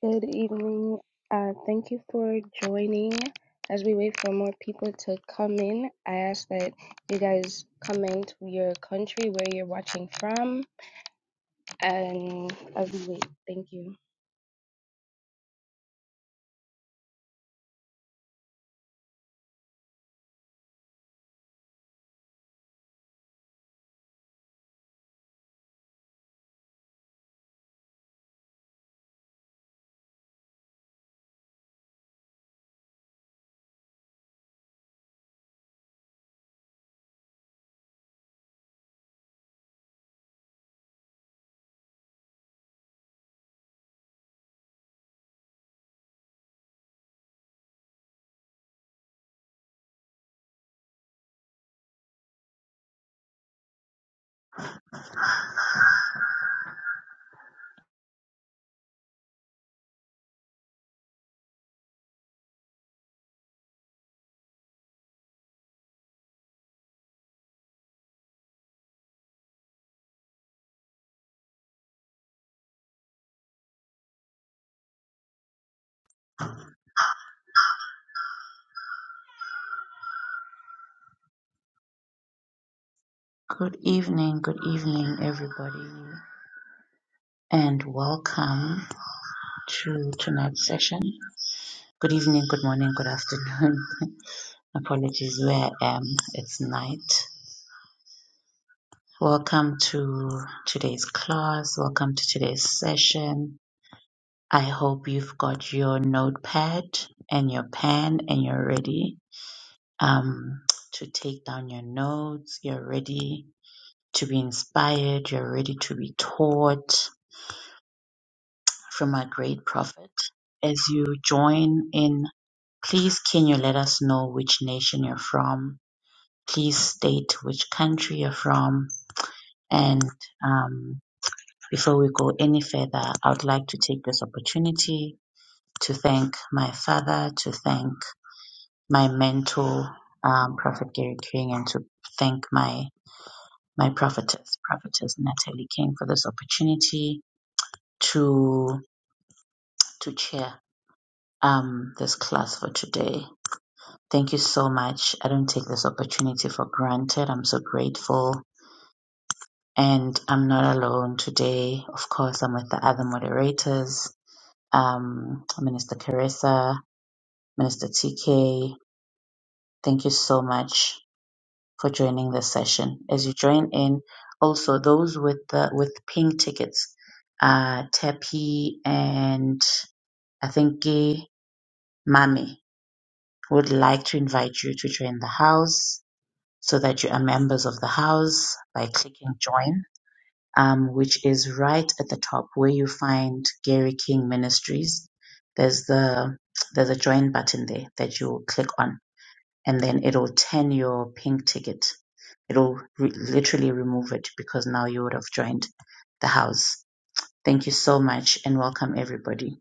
Good evening. Uh, thank you for joining. As we wait for more people to come in, I ask that you guys comment your country, where you're watching from, and as we wait, thank you. Good evening, good evening, everybody, and welcome to tonight's session. Good evening, good morning, good afternoon. Apologies where I am, it's night. Welcome to today's class, welcome to today's session. I hope you've got your notepad and your pen and you're ready um, to take down your notes, you're ready to be inspired, you're ready to be taught from our great prophet. As you join in, please can you let us know which nation you're from? Please state which country you're from. And um, before we go any further, I would like to take this opportunity to thank my father, to thank my mentor, um, Prophet Gary King, and to thank my my prophetess, prophetess Natalie King, for this opportunity to to chair um, this class for today. Thank you so much. I don't take this opportunity for granted. I'm so grateful. And I'm not alone today. Of course, I'm with the other moderators, um, Minister Carissa, Minister TK. Thank you so much for joining this session. As you join in, also those with the with pink tickets, uh, Tepi and I think Gay Mami would like to invite you to join the house so that you are members of the house by clicking join, um, which is right at the top where you find Gary King Ministries. There's the there's a join button there that you click on, and then it'll turn your pink ticket. It'll re- literally remove it because now you would have joined the house. Thank you so much and welcome everybody.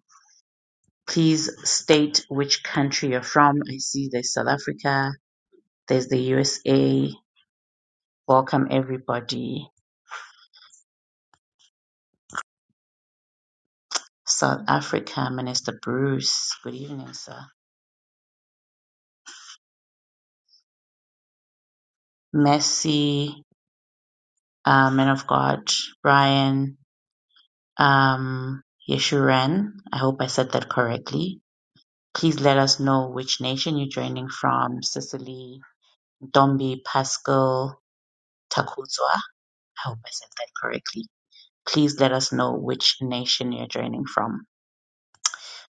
Please state which country you're from. I see there's South Africa, there's the USA. Welcome everybody South Africa, Minister Bruce, good evening, sir. Mercy, uh, man of God, Brian, um, Yeshuren, I hope I said that correctly. Please let us know which nation you're joining from. Sicily, Dombi, Pascal, Takuzwa. I hope I said that correctly. Please let us know which nation you're joining from.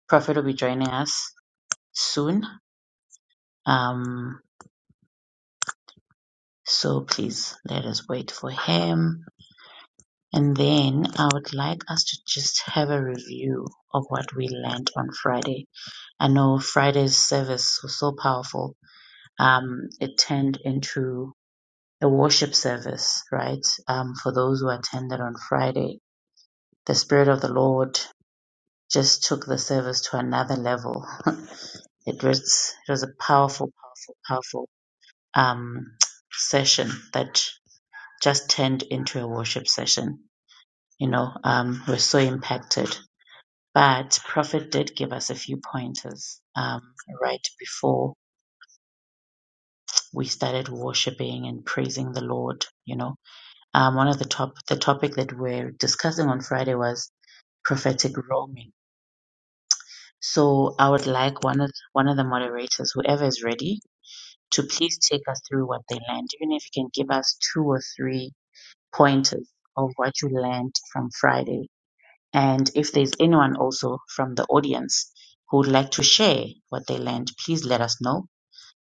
Prophet will be joining us soon. Um, so please let us wait for him. And then I would like us to just have a review of what we learned on Friday. I know Friday's service was so powerful. Um, it turned into a worship service, right? Um, for those who attended on Friday, the Spirit of the Lord just took the service to another level. it was it was a powerful, powerful, powerful um, session that just turned into a worship session. You know, um, we're so impacted But Prophet did give us a few pointers um, right before we started worshiping and praising the Lord. You know, um, one of the top the topic that we're discussing on Friday was prophetic roaming. So I would like one of one of the moderators, whoever is ready, to please take us through what they learned, even if you can give us two or three pointers of what you learned from Friday And if there's anyone also from the audience who would like to share what they learned, please let us know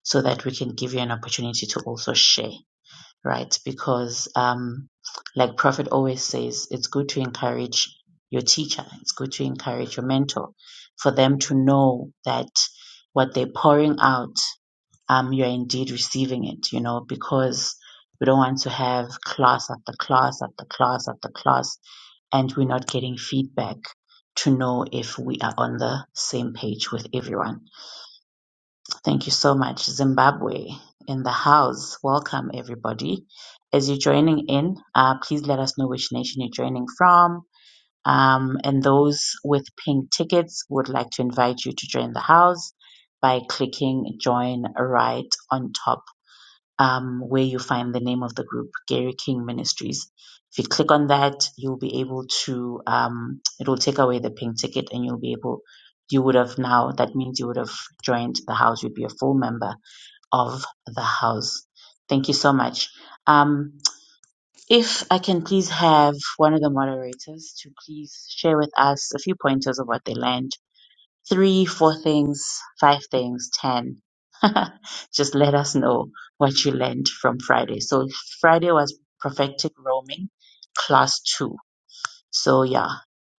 so that we can give you an opportunity to also share, right? Because, um, like Prophet always says, it's good to encourage your teacher, it's good to encourage your mentor for them to know that what they're pouring out um, you're indeed receiving it, you know, because we don't want to have class after class after class after class, and we're not getting feedback to know if we are on the same page with everyone. Thank you so much, Zimbabwe in the house. Welcome, everybody. As you're joining in, uh, please let us know which nation you're joining from. Um, and those with pink tickets would like to invite you to join the house by clicking join right on top um, where you find the name of the group, Gary King Ministries. If you click on that, you'll be able to, um, it will take away the pink ticket and you'll be able, you would have now, that means you would have joined the house, you'd be a full member of the house. Thank you so much. Um, if I can please have one of the moderators to please share with us a few pointers of what they learned three, four things, five things, ten. Just let us know what you learned from Friday. So Friday was prophetic roaming, class two. So yeah,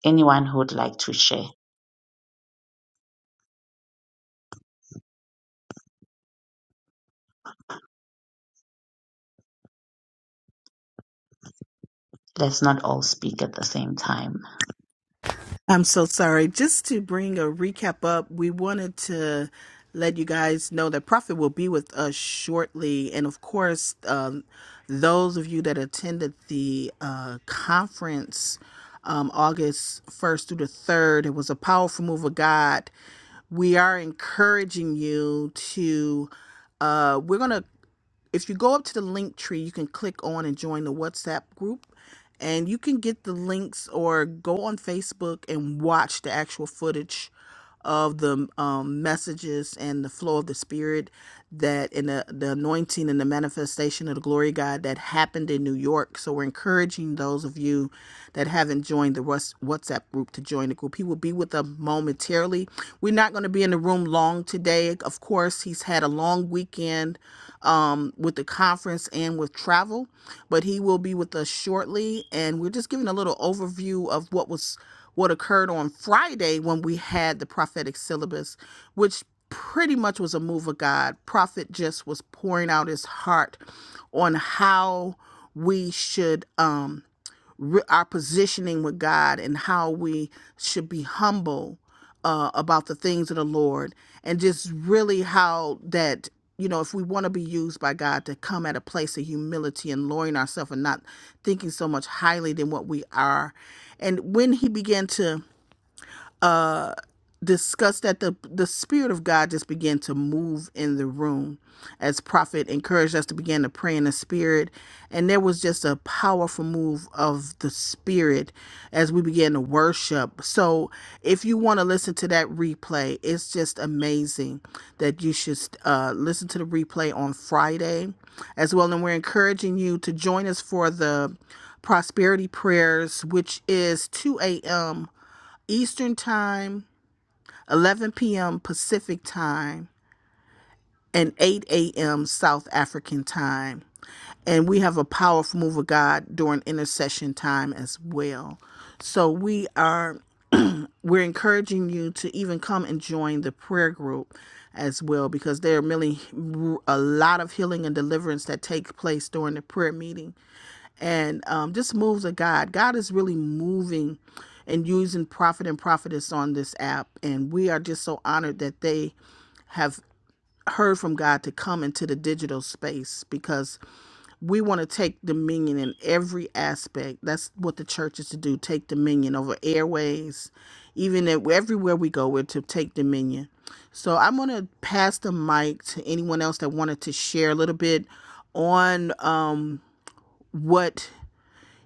anyone who would like to share, let's not all speak at the same time. I'm so sorry. Just to bring a recap up, we wanted to let you guys know that Prophet will be with us shortly. And of course, um, those of you that attended the uh, conference um, August 1st through the 3rd, it was a powerful move of God. We are encouraging you to, uh, we're going to if you go up to the link tree, you can click on and join the WhatsApp group. And you can get the links or go on Facebook and watch the actual footage of the um, messages and the flow of the Spirit that in the, the anointing and the manifestation of the glory of God that happened in New York. So we're encouraging those of you that haven't joined the Whats- WhatsApp group to join the group. He will be with them momentarily quickly. We're not going to be in the room long today. Of course, he's had a long weekend um, with the conference and with travel, but he will be with us shortly. And we're just giving a little overview of what was what occurred on Friday when we had the prophetic syllabus, which pretty much was a move of God. Prophet just was pouring out his heart on how we should. Um, re- our positioning with God and how we should be humble uh, about the things of the Lord, and just really how that you know if we want to be used by God to come at a place of humility and lowering ourselves and not thinking so much highly than what we are. And when he began to discussed that the the spirit of God just began to move in the room as prophet encouraged us to begin to pray in the spirit and there was just a powerful move of the spirit as we began to worship so if you want to listen to that replay it's just amazing that you should uh, listen to the replay on Friday as well and we're encouraging you to join us for the prosperity prayers which is 2 a.m. Eastern time 11 p.m. Pacific time, and 8 a.m. South African time. And we have a powerful move of God during intercession time as well. So we are we're encouraging you to even come and join the prayer group as well because there are really a lot of healing and deliverance that take place during the prayer meeting and um, just moves of god god is really moving and using prophet and prophetess on this app and we are just so honored that they have heard from God to come into the digital space because we want to take dominion in every aspect. That's what the church is to do take dominion over airways, even at, everywhere we go, we're to take dominion. So I'm going to pass the mic to anyone else that wanted to share a little bit on um, what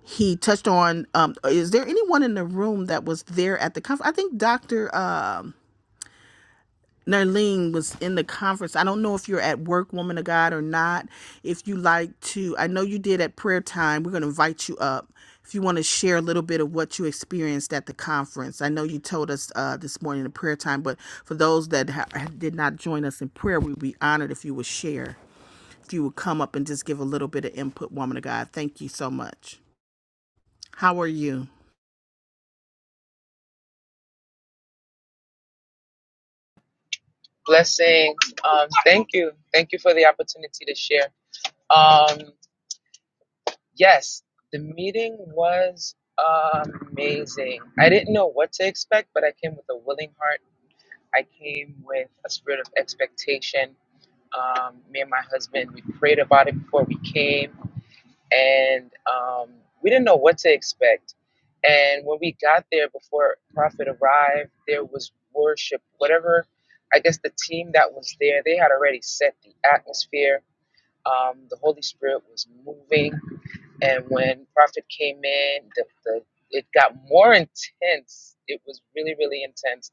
he touched on. Um, is there anyone in the room that was there at the conference? I think Dr. Nerlene was in the conference. I don't know if you're at work, woman of God, or not. If you like to, I know you did at prayer time. We're going to invite you up. If you want to share a little bit of what you experienced at the conference, I know you told us uh, this morning in prayer time, but for those that ha- did not join us in prayer, we'd be honored if you would share, if you would come up and just give a little bit of input, woman of God. Thank you so much. How are you? Blessings. Um, thank you. Thank you for the opportunity to share. Um, yes, the meeting was amazing. I didn't know what to expect, but I came with a willing heart. I came with a spirit of expectation. Um, me and my husband, we prayed about it before we came and um, we didn't know what to expect. And when we got there before Prophet arrived, there was worship. Whatever, I guess the team that was there, they had already set the atmosphere. Um, the Holy Spirit was moving, and when Prophet came in, the, the it got more intense. It was really, really intense.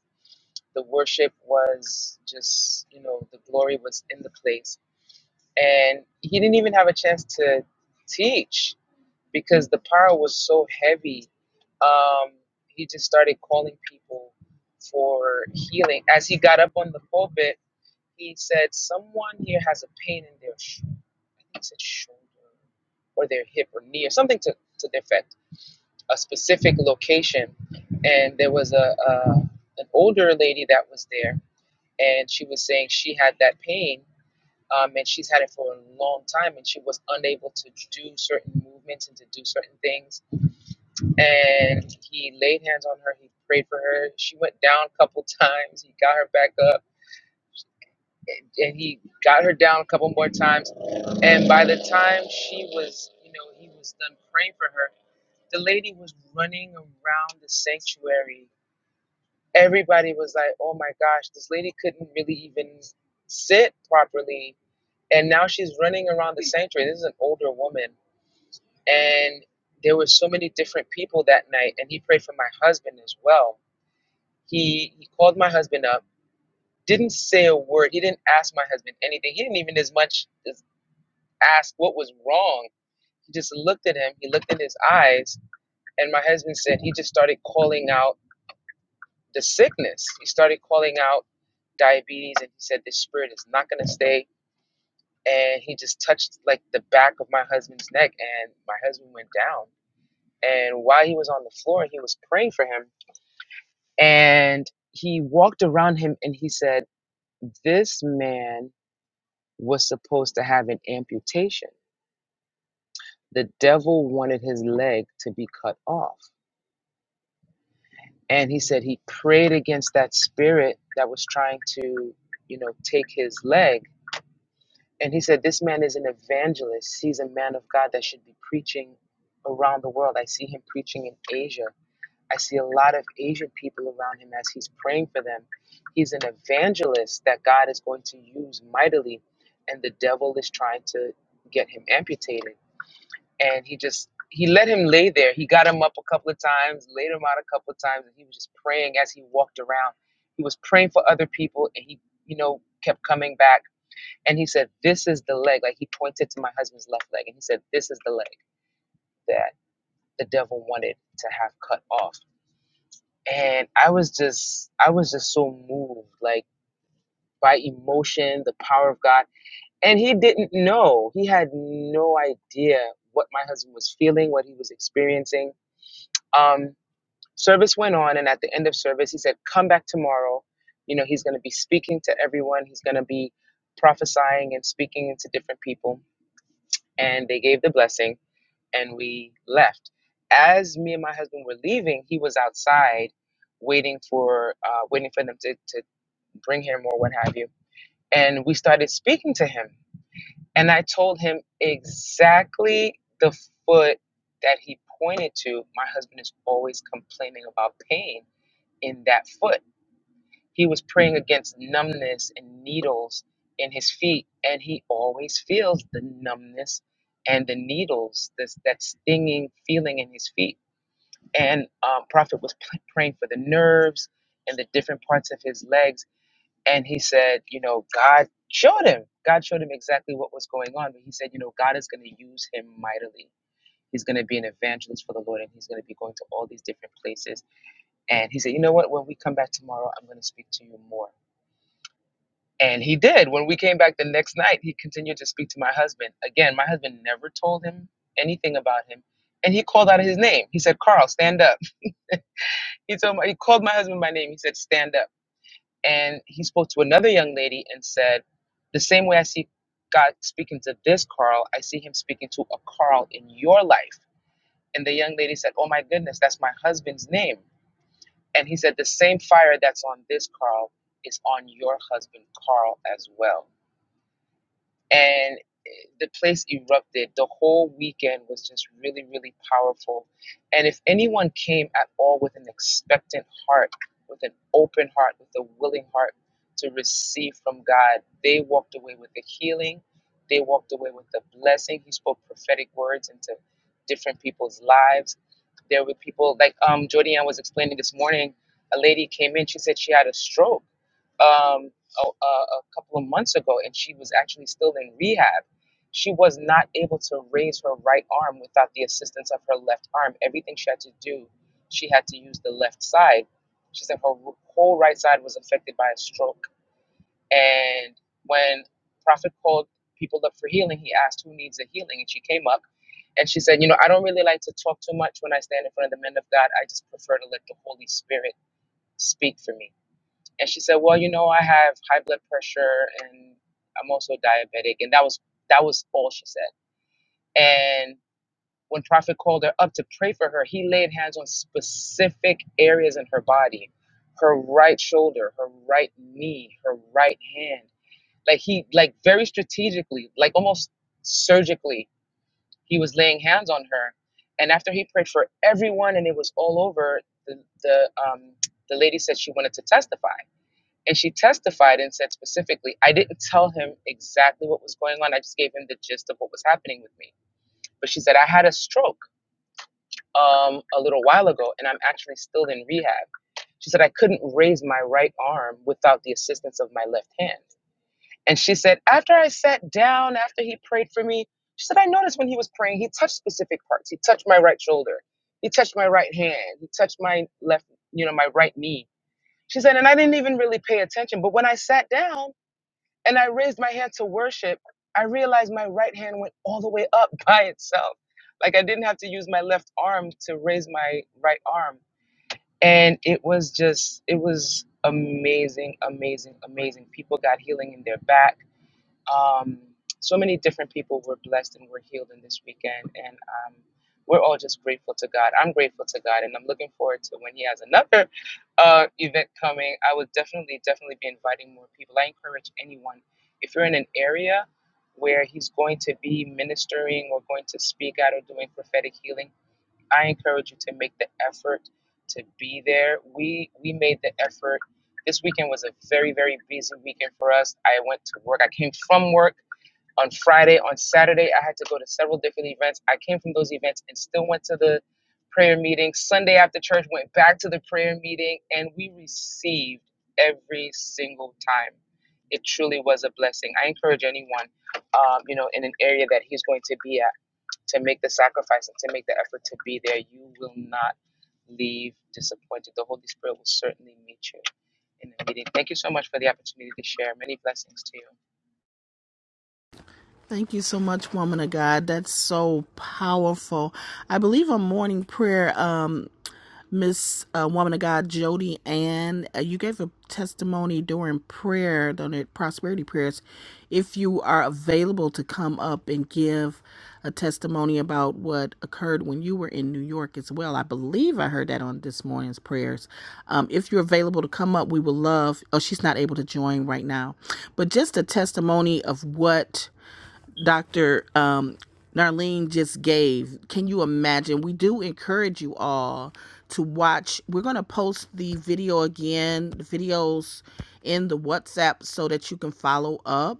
The worship was just, you know, the glory was in the place, and he didn't even have a chance to teach because the power was so heavy. Um, he just started calling people for healing. As he got up on the pulpit, he said, "Someone here has a pain in their sh- I think he said shoulder or their hip or knee or something to to the effect, a specific location." And there was a, a an older lady that was there, and she was saying she had that pain. Um, and she's had it for a long time, and she was unable to do certain movements and to do certain things and he laid hands on her. He prayed for her. She went down a couple times. He got her back up, and, and he got her down a couple more times. And by the time she was, you know, he was done praying for her, the lady was running around the sanctuary. Everybody was like, "Oh my gosh, this lady couldn't really even sit properly." And now she's running around the sanctuary. This is an older woman, and there were so many different people that night. And he prayed for my husband as well He, he called my husband up, didn't say a word. He didn't ask my husband anything. He didn't even as much as ask what was wrong. He just looked at him. He looked in his eyes. And my husband said he just started calling out the sickness. He started calling out diabetes. And he said, This spirit is not going to stay. And he just touched like the back of my husband's neck. And my husband went down. And while he was on the floor, he was praying for him. And he walked around him and he said, This man was supposed to have an amputation. The devil wanted his leg to be cut off. And he said he prayed against that spirit that was trying to, you know, take his leg. And he said, This man is an evangelist. He's a man of God that should be preaching around the world. I see him preaching in Asia. I see a lot of Asian people around him as he's praying for them. He's an evangelist that God is going to use mightily, and the devil is trying to get him amputated and he just he let him lay there. He got him up a couple of times, laid him out a couple of times, and he was just praying as he walked around. He was praying for other people, and he you know kept coming back. And he said, "This is the leg." Like he pointed to my husband's left leg, and he said, "This is the leg that the devil wanted to have cut off." And I was just I was just so moved, like by emotion, the power of God. And he didn't know. He had no idea what my husband was feeling, what he was experiencing. Um, Service went on, and at the end of service, he said, Come back tomorrow. You know, he's going to be speaking to everyone, he's going to be prophesying and speaking to different people. And they gave the blessing, and we left. As me and my husband were leaving, he was outside waiting for uh, waiting for them to, to bring him or what have you. And we started speaking to him. And I told him exactly the foot that he pointed to. My husband is always complaining about pain in that foot. He was praying against numbness and needles in his feet, and he always feels the numbness and the needles, this that stinging feeling in his feet. And um, Prophet was p- praying for the nerves and the different parts of his legs, and he said, you know, God showed him. God showed him exactly what was going on, but he said, you know, God is going to use him mightily. He's going to be an evangelist for the Lord, and he's going to be going to all these different places and he said, You know what? When we come back tomorrow, I'm going to speak to you more. And he did. When we came back the next night, he continued to speak to my husband. Again, my husband never told him anything about him. And he called out his name. He said, Carl, stand up. He told my, he called my husband by name. He said, Stand up. And he spoke to another young lady and said, The same way I see God speaking to this Carl, I see him speaking to a Carl in your life. And the young lady said, Oh my goodness, that's my husband's name. And he said, The same fire that's on this Carl is on your husband, Carl, as well and the place erupted. The whole weekend was just really, really powerful. And if anyone came at all with an expectant heart, with an open heart, with a willing heart to receive from God, they walked away with the healing. They walked away with the blessing. He spoke prophetic words into different people's lives. There were people like um, Jordianne was explaining this morning. A lady came in. She said she had a stroke um, a, a a couple of months ago, and she was actually still in rehab. She was not able to raise her right arm without the assistance of her left arm. Everything she had to do, she had to use the left side. She said her wh- whole right side was affected by a stroke. And when Prophet called people up for healing, he asked who needs a healing, and she came up. And she said, You know, I don't really like to talk too much when I stand in front of the men of God. I just prefer to let the Holy Spirit speak for me and she said, "Well, you know, I have high blood pressure and I'm also diabetic." And that was that was all she said. And when Prophet called her up to pray for her, he laid hands on specific areas in her body, her right shoulder, her right knee, her right hand. Like he like very strategically, like almost surgically, he was laying hands on her. And after he prayed for everyone and it was all over, the the um the lady said she wanted to testify and she testified and said specifically, I didn't tell him exactly what was going on. I just gave him the gist of what was happening with me. But she said, I had a stroke um, a little while ago and I'm actually still in rehab. She said, I couldn't raise my right arm without the assistance of my left hand. And she said, after I sat down, after he prayed for me, she said, I noticed when he was praying, he touched specific parts. He touched my right shoulder. He touched my right hand. He touched my left, you know, my right knee. She said, and I didn't even really pay attention. But when I sat down, and I raised my hand to worship, I realized my right hand went all the way up by itself. Like I didn't have to use my left arm to raise my right arm. And it was just, it was amazing, amazing, amazing. People got healing in their back um, so many different people were blessed and were healed in this weekend, and um, we're all just grateful to God. I'm grateful to God, and I'm looking forward to when He has another uh, event coming. I would definitely, definitely be inviting more people. I encourage anyone if you're in an area where He's going to be ministering or going to speak out or doing prophetic healing I encourage you to make the effort to be there. We we made the effort. This weekend was a very very busy weekend for us. I went to work. I came from work on Friday. On Saturday, I had to go to several different events. I came from those events and still went to the prayer meeting. Sunday after church, went back to the prayer meeting, and we received every single time. It truly was a blessing. I encourage anyone, um, you know, in an area that he's going to be at to make the sacrifice and to make the effort to be there, you will not leave disappointed. The Holy Spirit will certainly meet you in the meeting. Thank you so much for the opportunity to share. Many blessings to you. Thank you so much, woman of God. That's so powerful. I believe on morning prayer. Um, Miss uh, Woman of God Jody Ann, uh, you gave a testimony during prayer, during the prosperity prayers. If you are available to come up and give a testimony about what occurred when you were in New York as well, I believe I heard that on this morning's prayers. Um, if you're available to come up, we would love. Oh, she's not able to join right now, but just a testimony of what Dr. Um, Narlene just gave. Can you imagine? We do encourage you all to watch. We're going to post the video again, the videos in the WhatsApp so that you can follow up.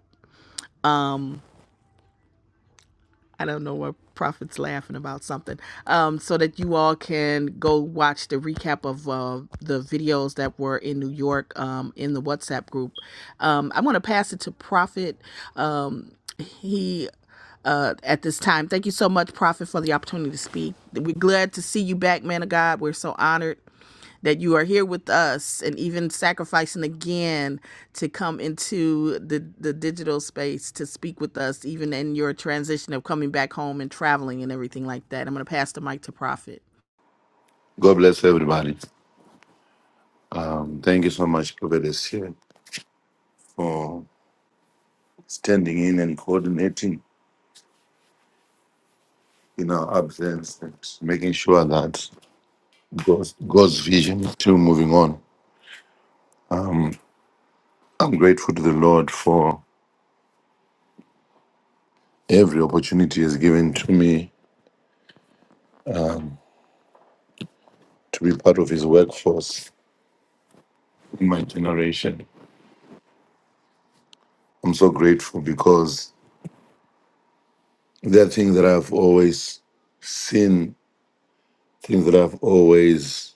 I don't know what prophet's laughing about something. Um, so that you all can go watch the recap of uh, the videos that were in New York um, in the WhatsApp group. Um, I'm going to pass it to Prophet. Um, he uh, at this time. Thank you so much, Prophet, for the opportunity to speak. We're glad to see you back, man of God. We're so honored that you are here with us and even sacrificing again to come into the, the digital space to speak with us, even in your transition of coming back home and traveling and everything like that. I'm going to pass the mic to Prophet. God bless everybody. And Thank you so much, Prophetess here for standing in and coordinating in our absence and making sure that God's, God's vision is still moving on. I'm grateful to the Lord for every opportunity He has given to me to be part of His workforce in my generation. I'm so grateful because there are things that I've always seen, things that I've always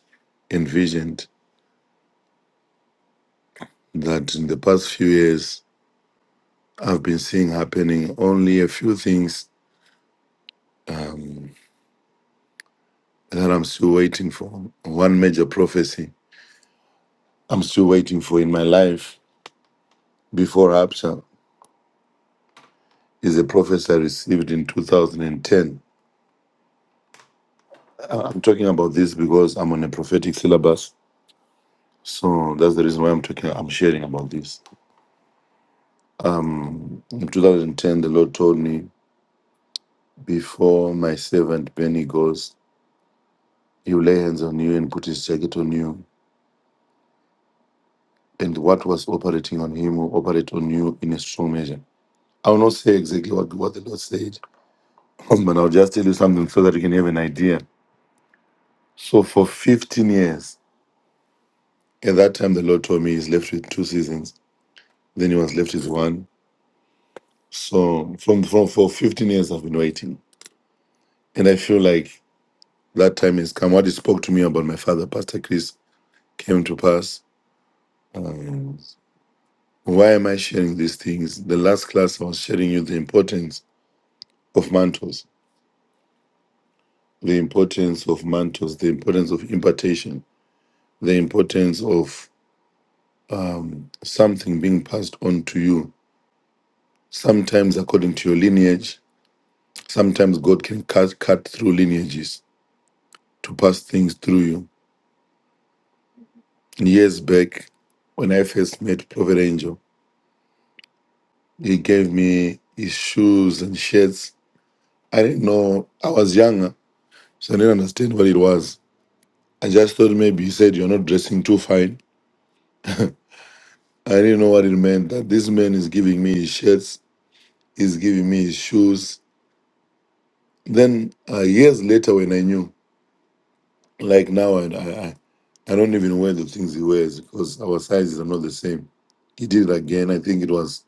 envisioned that in the past few years I've been seeing happening. Only a few things that I'm still waiting for. One major prophecy I'm still waiting for in my life before rapture is a prophecy I received in 2010. I- am talking about this because I'm on a prophetic syllabus. So that's the reason why I'm talking, I'm sharing about this. In 2010, the Lord told me, Before my servant Benny goes, he will lay hands on you and put his jacket on you. And what was operating on him will operate on you in a strong measure. I will not say exactly what, what the Lord said, but I'll just tell you something so that you can have an idea. So for 15 years, at that time, the Lord told me he's left with two seasons. Then he was left with one. So from, from for 15 years, I've been waiting. And I feel like that time has come. What he spoke to me about my father, Pastor Chris, came to pass. Um, why am I sharing these things? The last class I was sharing you the importance of mantles, the importance of mantles, the importance of impartation, the importance of something being passed on to you. Sometimes, according to your lineage, sometimes God can cut, cut through lineages to pass things through you. Years back, when I first met Prophet Angel, he gave me his shoes and shirts. I didn't know, I was younger, so I didn't understand what it was. I just thought maybe he said, You're not dressing too fine. I didn't know what it meant that this man is giving me his shirts, he's giving me his shoes. Then, uh, years later, when I knew, like now, I, I, I don't even wear the things he wears because our sizes are not the same. He did it again. I think it was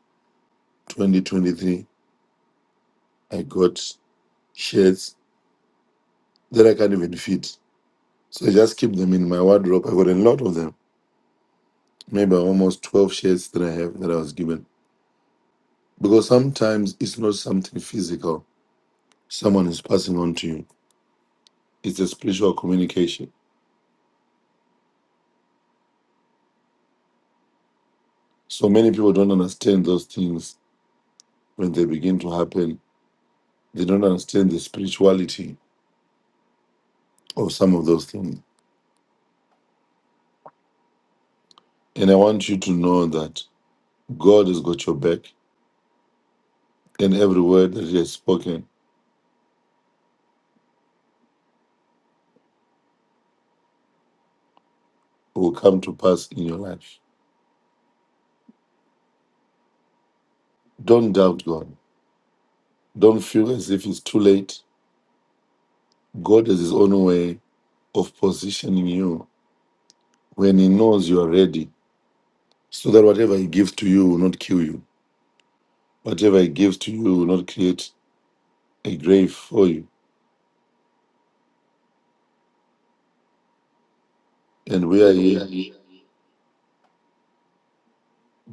2023. I got shirts that I can't even fit. So I just keep them in my wardrobe. I got a lot of them, maybe almost 12 shirts that I have that I was given. Because sometimes it's not something physical someone is passing on to you, it's a spiritual communication. So many people don't understand those things when they begin to happen. They don't understand the spirituality of some of those things. And I want you to know that God has got your back, and every word that He has spoken will come to pass in your life. Don't doubt God. Don't feel as if it's too late. God has His own way of positioning you when He knows you are ready, so that whatever He gives to you will not kill you. Whatever He gives to you will not create a grave for you. And we are here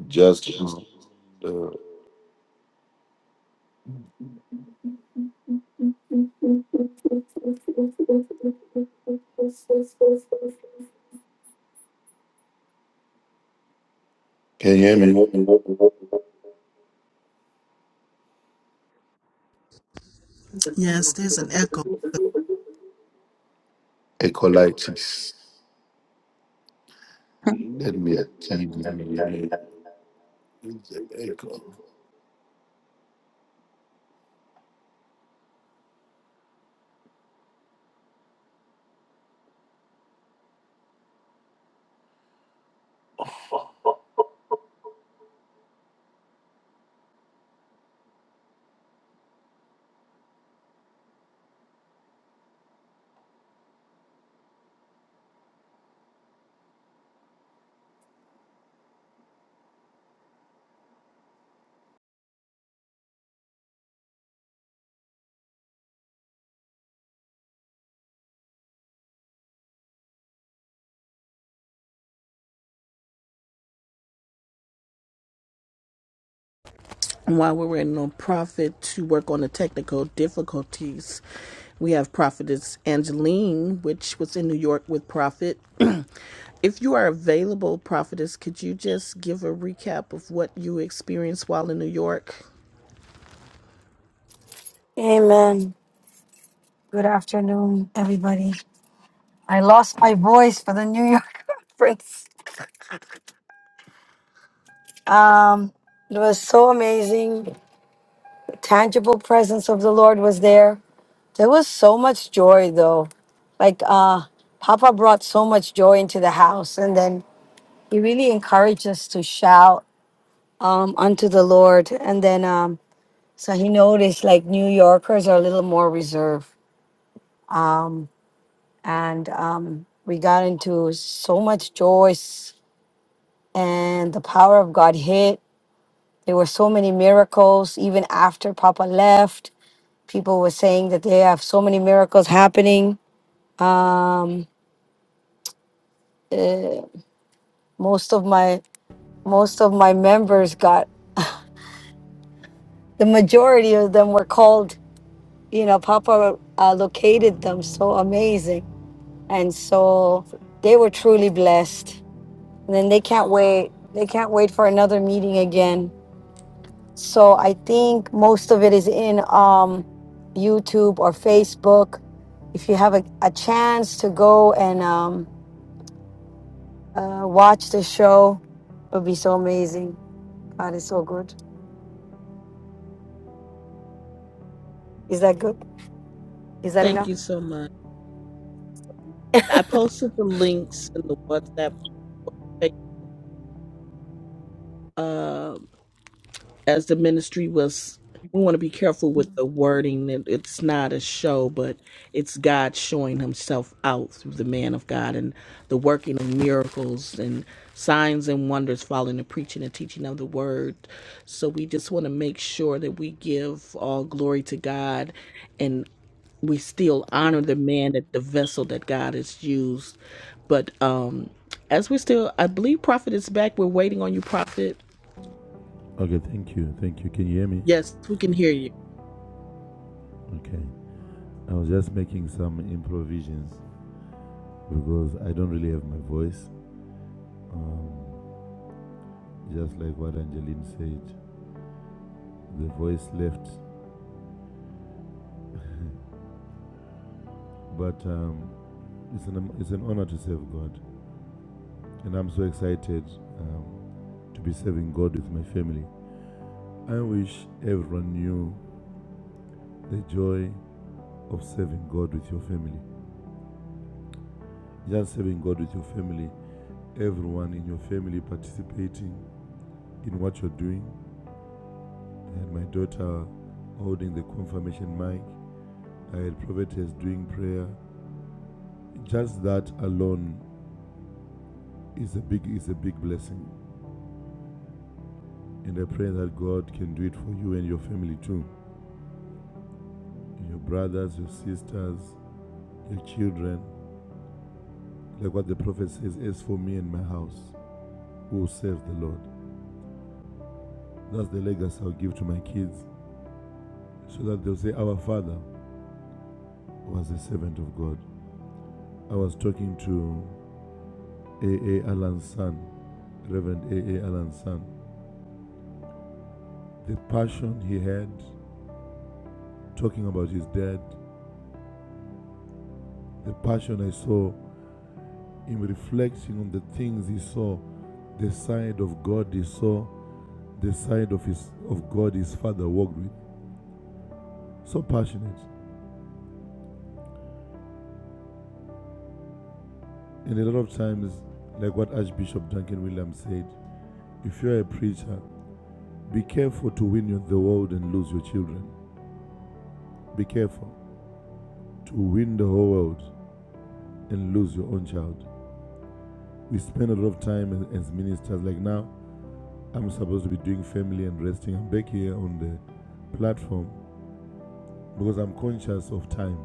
just to. Uh, can you hear me? Yes, there's an echo. Ecolitis. Let me attend. while we were in on Prophet to work on the technical difficulties, we have Prophetess Angeline, which was in New York with Prophet. if you are available, Prophetess, could you just give a recap of what you experienced while in New York? Amen. Good afternoon, everybody. I lost my voice for the New York conference. Um, it was so amazing. The tangible presence of the Lord was there. There was so much joy, though. Like, uh, Papa brought so much joy into the house, and then he really encouraged us to shout um, unto the Lord. And then, um, so he noticed like New Yorkers are a little more reserved. And um, we got into so much joy and the power of God hit. There were so many miracles even after Papa left. People were saying that they have so many miracles happening. Um, uh, most of my most of my members got the majority of them were called. You know, Papa uh, located them. So amazing, and so they were truly blessed. And then they can't wait. They can't wait for another meeting again So I think most of it is in um, YouTube or Facebook. If you have a, a chance to go and um, uh, watch the show, it would be so amazing. God is so good. Is that good? Is that Thank enough? you so much. I posted the links in the WhatsApp group, uh, as the ministry was we want to be careful with the wording that it's not a show but it's god showing himself out through the man of god and the working of miracles and signs and wonders following the preaching and teaching of the word so we just want to make sure that we give all glory to god and we still honor the man that the vessel that god has used but um as we're still i believe prophet is back we're waiting on you prophet Okay, thank you. Thank you. Can you hear me? yes we can hear you Okay. I was just making some improvisions because I don't really have my voice. Um, just like what Angeline said, the voice left. But um, it's, an, it's an honor to serve God. And I'm so excited um, to be serving God with my family. I wish everyone knew the joy of serving God with your family. Just serving God with your family, everyone in your family participating in what you're doing I had my daughter holding the confirmation mic. I had prophetess doing prayer. Just that alone is a big is a big blessing. And I pray that God can do it for you and your family too. Your brothers, your sisters, your children. Like what the prophet says, as for me and my house, we will serve the Lord. That's the legacy I'll give to my kids. So that they'll say, Our father was a servant of God. I was talking to A. A. Allen's son, Reverend A. A. Allen's son The passion he had talking about his dad, the passion I saw him reflecting on the things he saw, the side of God he saw, the side of his of God his father walked with. So passionate. And a lot of times, like what Archbishop Duncan Williams said, if you're a preacher, be careful to win the world and lose your children. Be careful to win the whole world and lose your own child. We spend a lot of time as, as ministers, like now, I'm supposed to be doing family and resting. I'm back here on the platform because I'm conscious of time,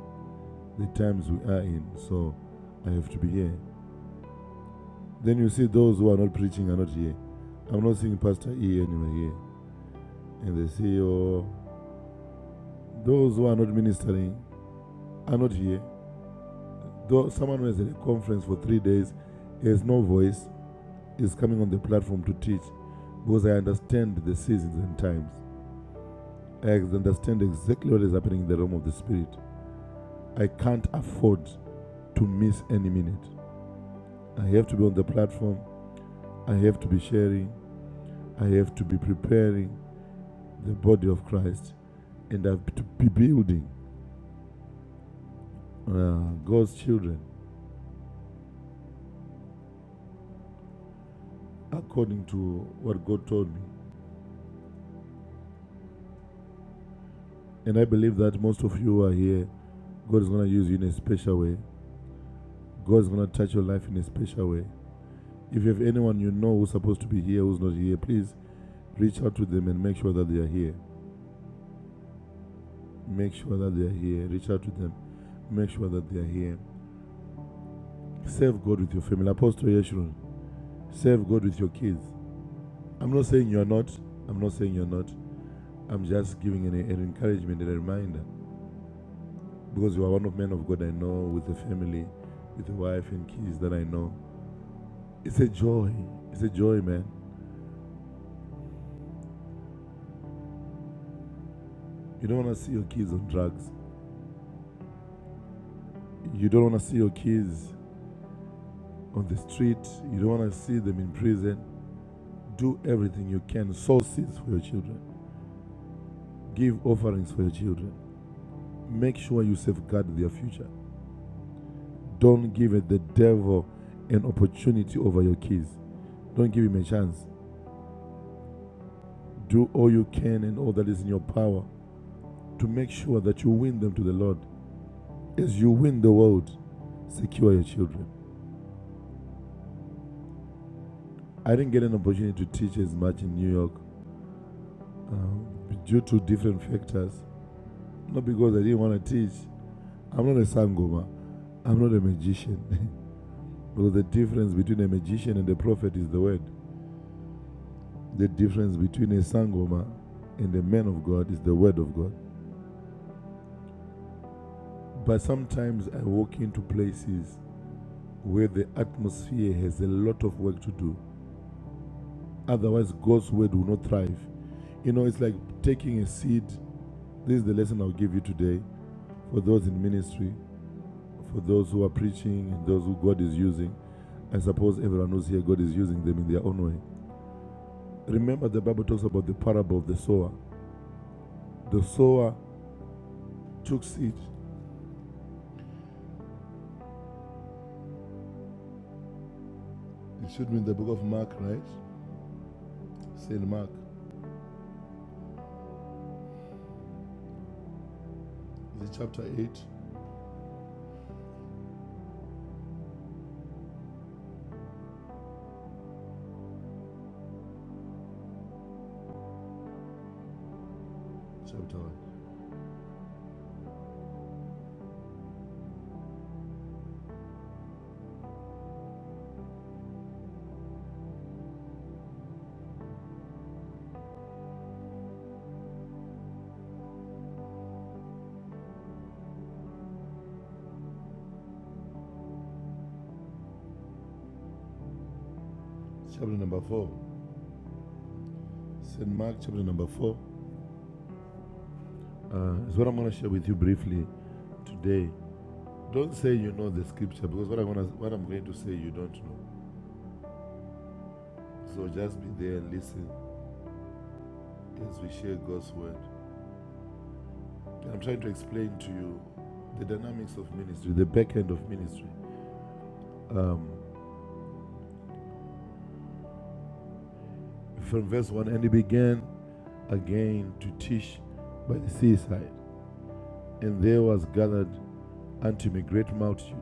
the times we are in. So I have to be here. Then you see those who are not preaching are not here. I'm not seeing Pastor E anywhere here. And they say, oh, those who are not ministering are not here. Though someone who has a conference for three days has no voice is coming on the platform to teach because I understand the seasons and times. I understand exactly what is happening in the realm of the spirit. I can't afford to miss any minute. I have to be on the platform. I have to be sharing. I have to be preparing the body of Christ. And I have to be building uh, God's children according to what God told me. And I believe that most of you are here. God is going to use you in a special way. God is going to touch your life in a special way. If you have anyone you know who's supposed to be here who's not here, please reach out to them and make sure that they are here. Make sure that they are here. Reach out to them. Make sure that they are here. Serve God with your family. Apostle Yeshurun, serve God with your kids. I'm not saying you're not. I'm not saying you're not. I'm just giving an, an encouragement and a reminder because you are one of men of God I know with a family, with a wife and kids that I know. It's a joy. It's a joy, man. You don't want to see your kids on drugs. You don't want to see your kids on the street. You don't want to see them in prison. Do everything you can. Sow seeds for your children. Give offerings for your children. Make sure you safeguard their future. Don't give the devil an opportunity over your kids. Don't give him a chance. Do all you can and all that is in your power to make sure that you win them to the Lord. As you win the world, secure your children. I didn't get an opportunity to teach as much in New York um, due to different factors. Not because I didn't want to teach. I'm not a sangoma. I'm not a magician. because the difference between a magician and a prophet is the word. The difference between a Sangoma and a man of God is the Word of God. But sometimes I walk into places where the atmosphere has a lot of work to do. Otherwise, God's Word will not thrive. You know, it's like taking a seed. This is the lesson I'll give you today for those in ministry, for those who are preaching, and those who God is using. I suppose everyone who's here, God is using them in their own way. Remember, the Bible talks about the parable of the sower. The sower took seed. It should be in the book of Mark, right? St. Mark, is it chapter 8? Chapter 1. Chapter number 4. St. Mark, chapter number 4. Uh, is what I'm going to share with you briefly today. Don't say you know the scripture because what I'm, gonna, what I'm going to say you don't know. So just be there and listen as we share God's word. And I'm trying to explain to you the dynamics of ministry, the back end of ministry. Um, from verse 1 And he began again to teach by the seaside, and there was gathered unto me great multitude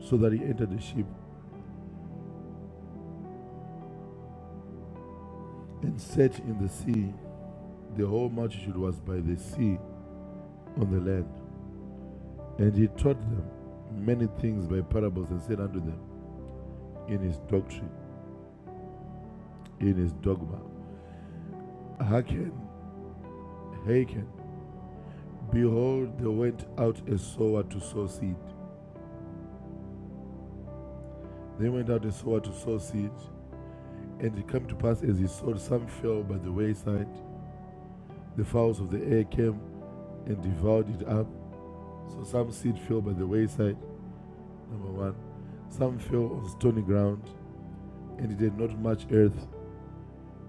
So that he entered the ship and sat in the sea. The whole multitude was by the sea on the land. And he taught them many things by parables and said unto them in his doctrine, in his dogma, Hearken, hearken, behold, there went out a sower to sow seed. There went out a sower to sow seed, and it came to pass as he sowed, some fell by the wayside. The fowls of the air came and devoured it up. So some seed fell by the wayside, Number one, some fell on stony ground, and it had not much earth,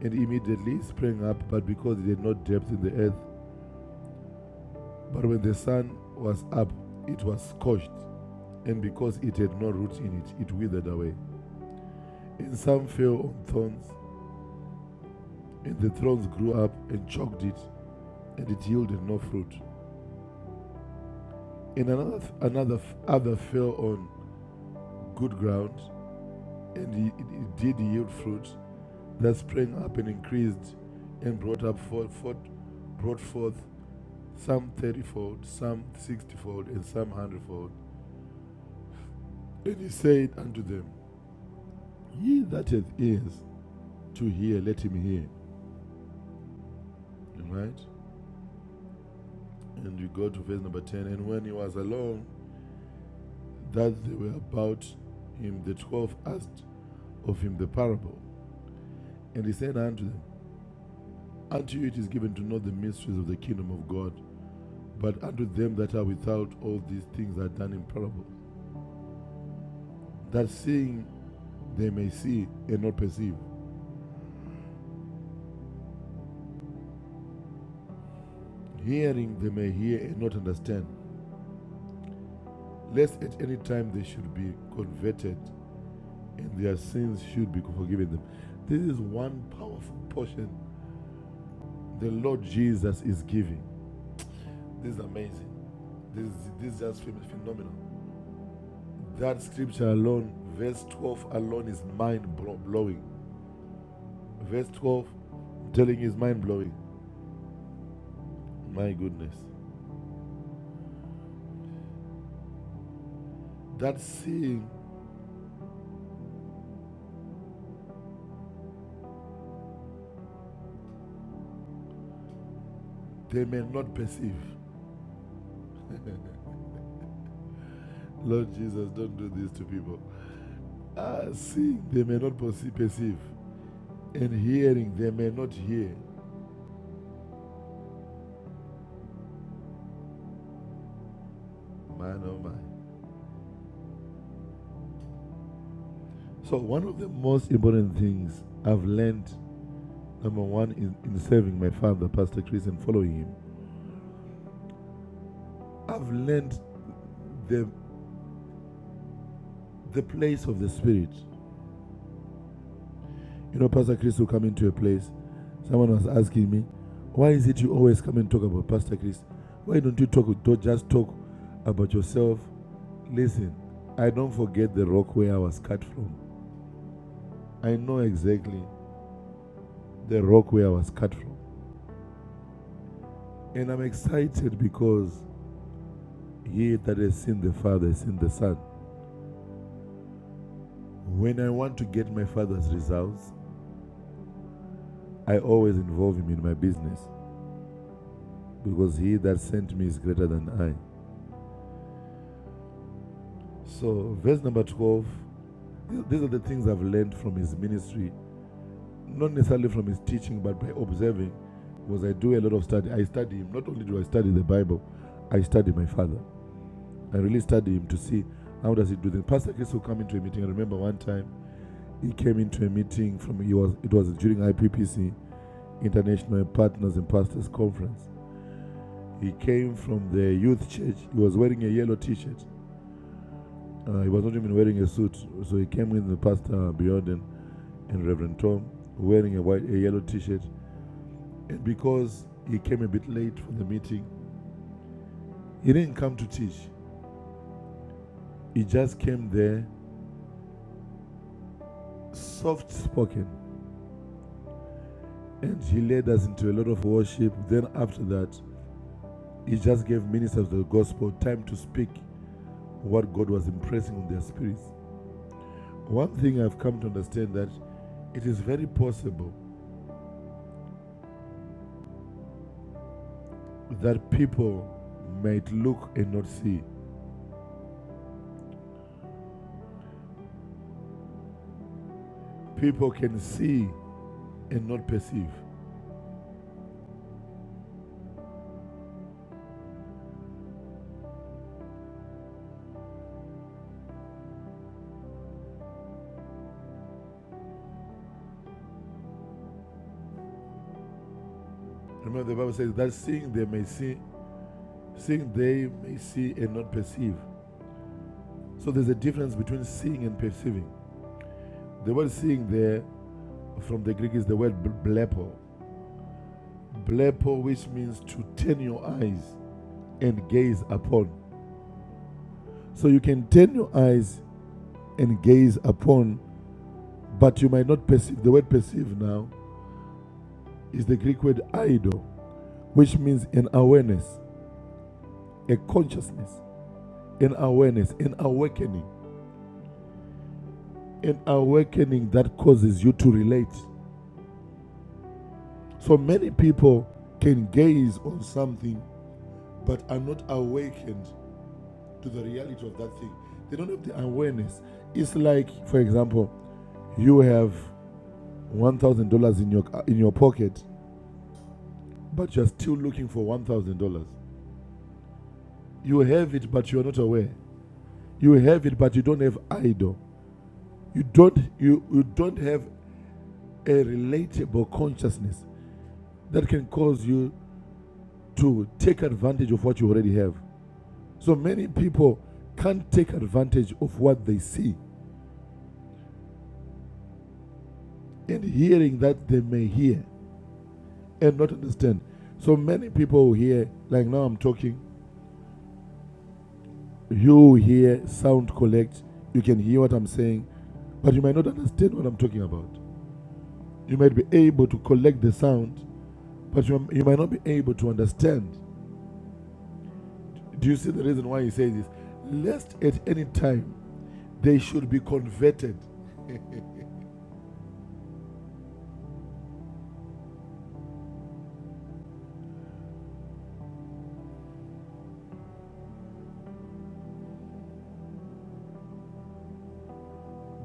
and immediately sprang up, but because it had not depth in the earth. But when the sun was up, it was scorched, and because it had no root in it, it withered away. And some fell on thorns, and the thorns grew up and choked it, and it yielded no fruit. And another, another other fell on good ground, and it, it did yield fruit, that sprang up and increased and brought up for, for, brought forth some thirtyfold, some sixtyfold, and some hundredfold. And he said unto them, Ye that hath ears to hear, let him hear. Right? And you go to verse number 10. And when he was alone, that they were about him, the twelve asked of him the parable. And he said unto them, Unto you it is given to know the mysteries of the kingdom of God, but unto them that are without all these things are done in parable that seeing they may see and not perceive, hearing they may hear and not understand, lest at any time they should be converted and their sins should be forgiven them. This is one powerful portion the Lord Jesus is giving. This is amazing. This is, this is just phenomenal. That scripture alone, verse 12 alone, is mind blowing. Verse 12 telling is mind blowing. My goodness. That seeing They may not perceive. Lord Jesus, don't do this to people. Ah, seeing they may not perceive, and hearing they may not hear. Man, oh man! So one of the most important things I've learned, number one, in, in serving my father, Pastor Chris, and following him, I've learned the the place of the spirit. You know, Pastor Chris will come into a place. Someone was asking me, why is it you always come and talk about Pastor Chris? Why don't you talk don't just talk about yourself Listen, I don't forget the rock where I was cut from. I know exactly the rock where I was cut from. And I'm excited because he that has seen the Father has seen the Son. When I want to get my Father's results, I always involve him in my business because he that sent me is greater than I. So, verse number 12. these are the things I've learned from his ministry, not necessarily from his teaching, but by observing. Because I do a lot of study. I study him. Not only do I study the Bible, I study my Father. I really studied him to see how does he do things. Pastor Chris will come into a meeting. I remember one time he came into a meeting from he was it was during IPPC International Partners and Pastors Conference. He came from the youth church. He was wearing a yellow T-shirt. Uh, he was not even wearing a suit, so he came with the pastor Beyond and, and Reverend Tom wearing a white a yellow T-shirt. And because he came a bit late for the meeting, he didn't come to teach. He just came there, soft spoken, and he led us into a lot of worship. Then, after that, he just gave ministers of the gospel time to speak what God was impressing on their spirits. One thing I've come to understand that it is very possible that people might look and not see. People can see and not perceive. Remember the Bible says that seeing they may see, seeing they may see and not perceive. So there's a difference between seeing and perceiving. The word seeing there from the Greek is the word blepo, Blepo, which means to turn your eyes and gaze upon. So you can turn your eyes and gaze upon, but you might not perceive. The word perceive now is the Greek word eido, which means an awareness, a consciousness, an awareness, an awakening, an awakening that causes you to relate. So many people can gaze on something but are not awakened to the reality of that thing. They don't have the awareness. It's like, for example, you have one thousand dollars in your in your pocket, but you're still looking for one thousand dollars. You have it, but you're not aware. You have it, but you don't have idol. You don't you, you don't have a relatable consciousness that can cause you to take advantage of what you already have. So many people can't take advantage of what they see and hearing that they may hear and not understand. So many people hear, like now I'm talking, you hear sound collect, you can hear what I'm saying, but you might not understand what I'm talking about. You might be able to collect the sound, but you, you might not be able to understand. Do you see the reason why he says this? Lest at any time they should be converted.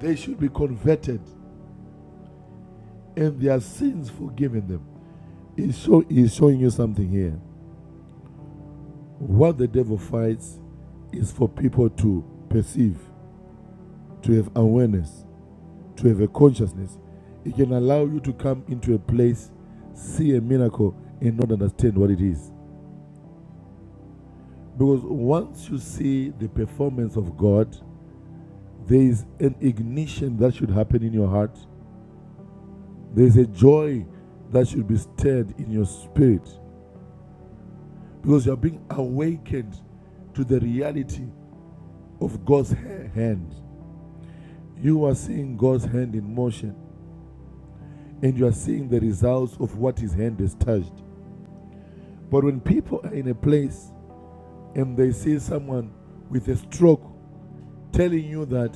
they should be converted and their sins forgiven them. He's, show, he's showing you something here. What the devil fights is for people to perceive, to have awareness. to have a consciousness, it can allow you to come into a place, see a miracle, and not understand what it is. Because once you see the performance of God, there is an ignition that should happen in your heart. There is a joy that should be stirred in your spirit because you are being awakened to the reality of God's hand. You are seeing God's hand in motion and you are seeing the results of what His hand has touched. But when people are in a place and they see someone with a stroke telling you that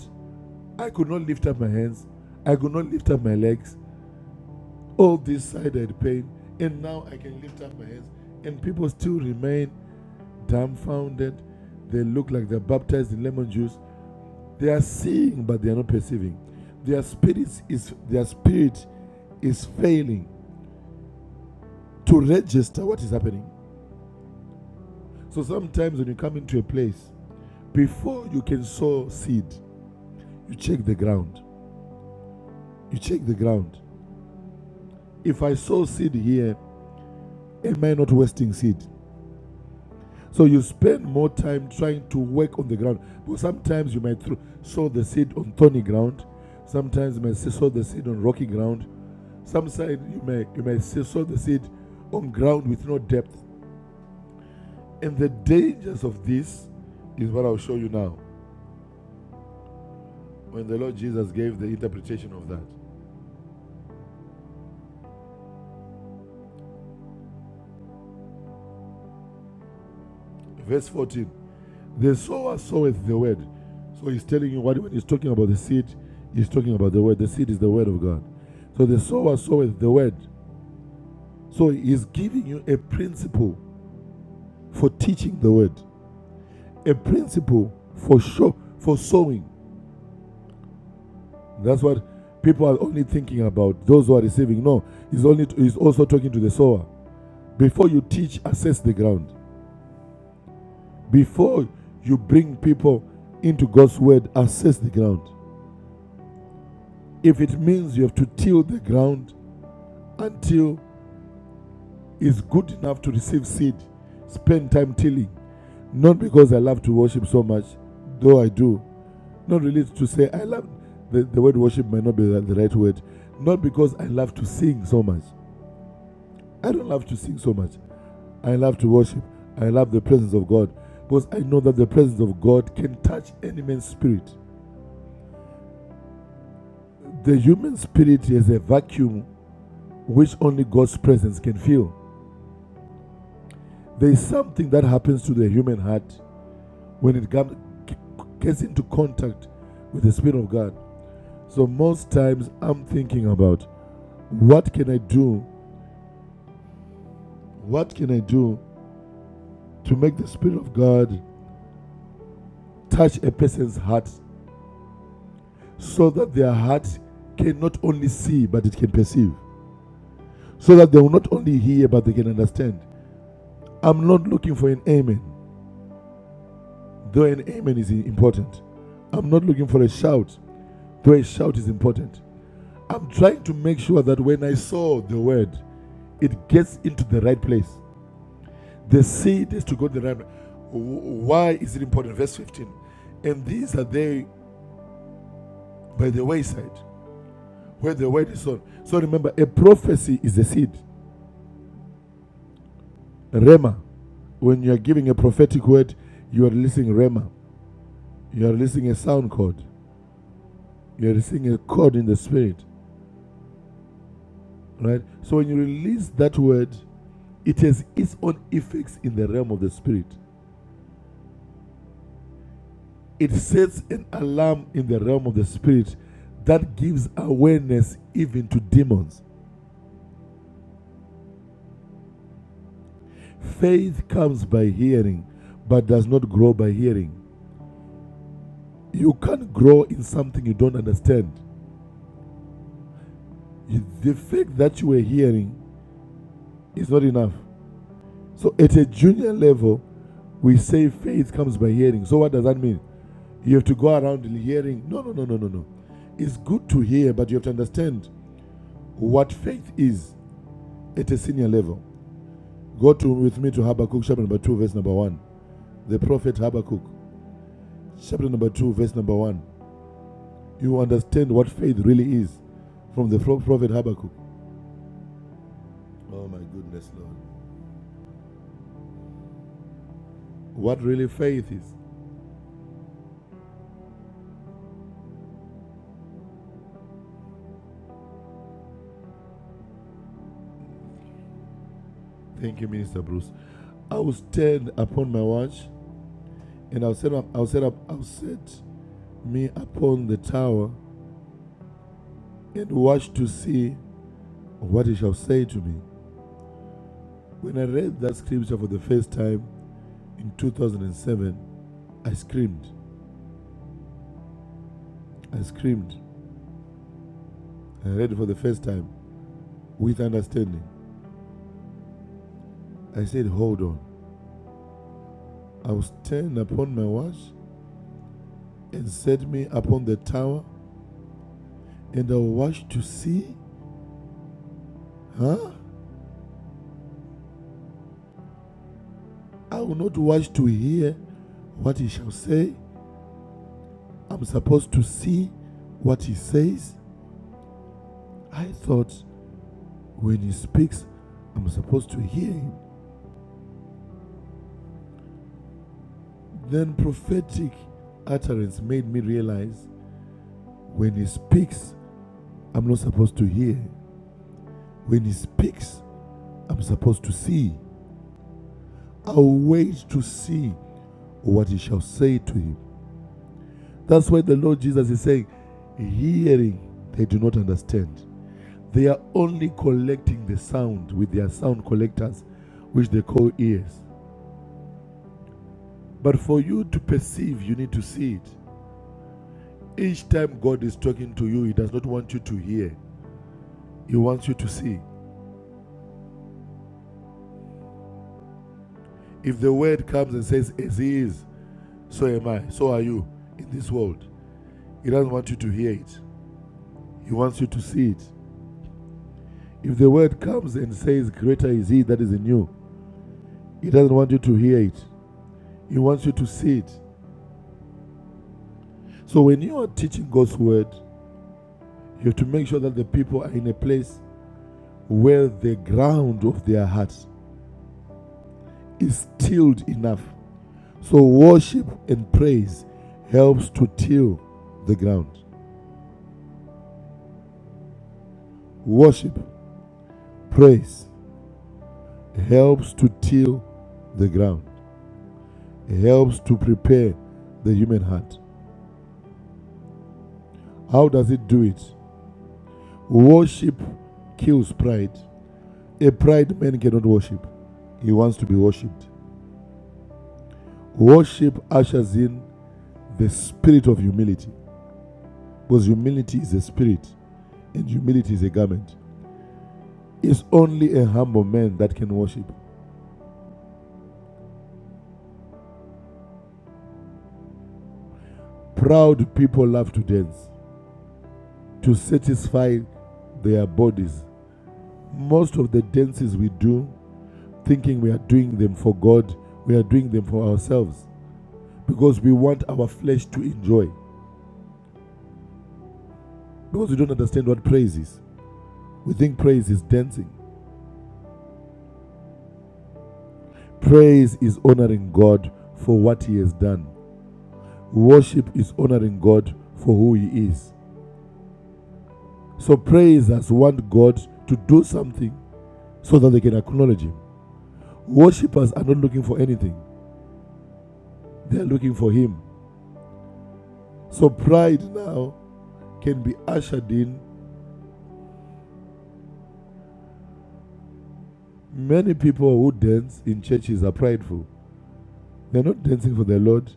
I could not lift up my hands, I could not lift up my legs, all this side I had pain, and now I can lift up my hands, and people still remain dumbfounded. They look like they're baptized in lemon juice. They are seeing, but they are not perceiving. Their spirit is their spirit is failing to register what is happening. So sometimes when you come into a place, before you can sow seed, you check the ground. You check the ground. If I sow seed here, am I not wasting seed? So you spend more time trying to work on the ground. Because sometimes you might throw, sow the seed on thorny ground. Sometimes you may sow the seed on rocky ground. Some side you may you may sow the seed on ground with no depth. And the dangers of this is what I'll show you now. When the Lord Jesus gave the interpretation of that. Verse 14. The sower soweth the word. So he's telling you what when he's talking about the seed, he's talking about the word. The seed is the word of God. So the sower soweth the word. So he's giving you a principle for teaching the word, a principle for show for sowing. That's what people are only thinking about. Those who are receiving, no, he's only he's also talking to the sower. Before you teach, assess the ground. Before you bring people into God's word, assess the ground. If it means you have to till the ground, until it's good enough to receive seed, spend time tilling. Not because I love to worship so much, though I do. Not really to say I love, the, the word worship might not be the, the right word. Not because I love to sing so much. I don't love to sing so much. I love to worship. I love the presence of God because I know that the presence of God can touch any man's spirit. The human spirit is a vacuum which only God's presence can fill. There is something that happens to the human heart when it comes gets into contact with the spirit of god so most times i'm thinking about what can i do what can i do to make the spirit of god touch a person's heart so that their heart can not only see but it can perceive so that they will not only hear but they can understand i'm not looking for an amen though an amen is important i'm not looking for a shout though a shout is important i'm trying to make sure that when i saw the word it gets into the right place. The seed is to go to the right place. Why is it important? Verse 15. And these are they by the wayside, where the word is sown. So remember, a prophecy is a seed. Rema. When you are giving a prophetic word, you are releasing Rema. You are releasing a sound chord. You are releasing a chord in the spirit. Right? So when you release that word, it has its own effects in the realm of the spirit. it sets an alarm in the realm of the spirit that gives awareness even to demons. Faith comes by hearing, but does not grow by hearing. You can't grow in something you don't understand. The fact that you were hearing is not enough. So, at a junior level, we say faith comes by hearing. So, what does that mean? You have to go around hearing. No, no, no, no, no, no. It's good to hear, but you have to understand what faith is at a senior level. Go to with me to Habakkuk chapter number 2, verse number 1. The prophet Habakkuk, chapter number 2, verse number 1. You understand what faith really is from the prophet Habakkuk. Oh my goodness, Lord. What really faith is. Thank you, Minister Bruce. I will stand upon my watch and I'll set up I'll set up I'll set me upon the tower and watch to see what he shall say to me. When I read that scripture for the first time in 2007, I screamed. I screamed I read for the first time with understanding. I said, Hold on. I will stand upon my watch and set me upon the tower, and I will watch to see. Huh? I will not watch to hear what he shall say. I'm supposed to see what he says. I thought when he speaks, I'm supposed to hear him. Then prophetic utterance made me realize when he speaks, I'm not supposed to hear. When he speaks, I'm supposed to see. I wait to see what he shall say to him. That's why the Lord Jesus is saying, Hearing, they do not understand. They are only collecting the sound with their sound collectors, which they call ears. But for you to perceive, you need to see it. Each time God is talking to you, He does not want you to hear, He wants you to see. If the word comes and says, As He is, so am I, so are you in this world, He doesn't want you to hear it, He wants you to see it. If the word comes and says, Greater is he that is in you, he doesn't want you to hear it, he wants you to see it. So when you are teaching God's word, you have to make sure that the people are in a place where the ground of their hearts is tilled enough. So worship and praise helps to till the ground. Worship, praise helps to till the ground, It helps to prepare the human heart. How does it do it? Worship kills pride. A pride man cannot worship, he wants to be worshipped. Worship ushers in the spirit of humility because humility is a spirit and humility is a garment. It's only a humble man that can worship. Proud people love to dance to satisfy their bodies. Most of the dances we do, thinking we are doing them for God, we are doing them for ourselves because we want our flesh to enjoy. Because we don't understand what praise is. We think praise is dancing. Praise is honoring God for what He has done. Worship is honoring God for who He is. So praisers want God to do something so that they can acknowledge Him. Worshippers are not looking for anything, they are looking for Him. So pride now can be ushered in. Many people who dance in churches are prideful. They're not dancing for the Lord,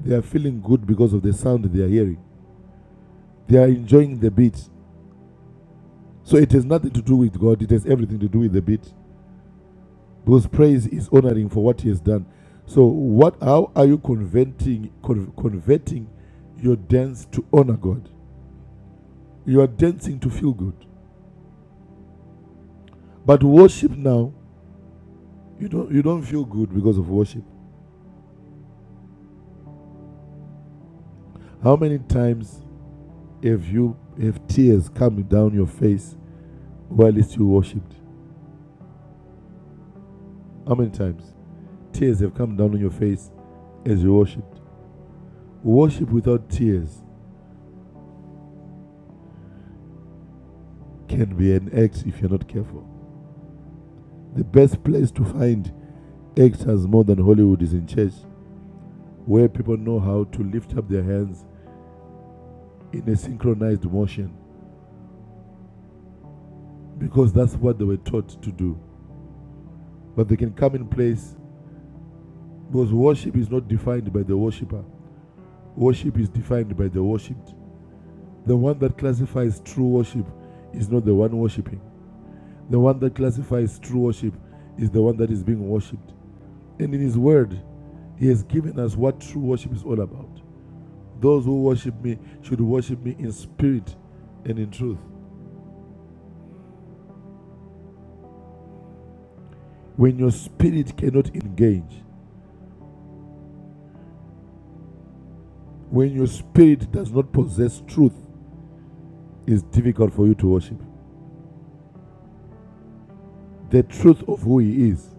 they are feeling good because of the sound they are hearing. They are enjoying the beat, So it has nothing to do with God. It has everything to do with the bit. Because praise is honoring for what He has done. So what? How are you converting con- converting your dance to honor God? You are dancing to feel good. But worship now, you don't you don't feel good because of worship. How many times have you have tears coming down your face while it's you worshipped? How many times tears have come down on your face as you worshipped? Worship without tears can be an act if you're not careful. The best place to find actors more than Hollywood is in church, where people know how to lift up their hands in a synchronized motion because that's what they were taught to do. But they can come in place because worship is not defined by the worshiper, worship is defined by the worshipped. The one that classifies true worship is not the one worshipping, the one that classifies true worship is the one that is being worshipped. And in His Word, He has given us what true worship is all about. Those who worship me should worship me in spirit and in truth. When your spirit cannot engage, when your spirit does not possess truth, it's difficult for you to worship the truth of who he is.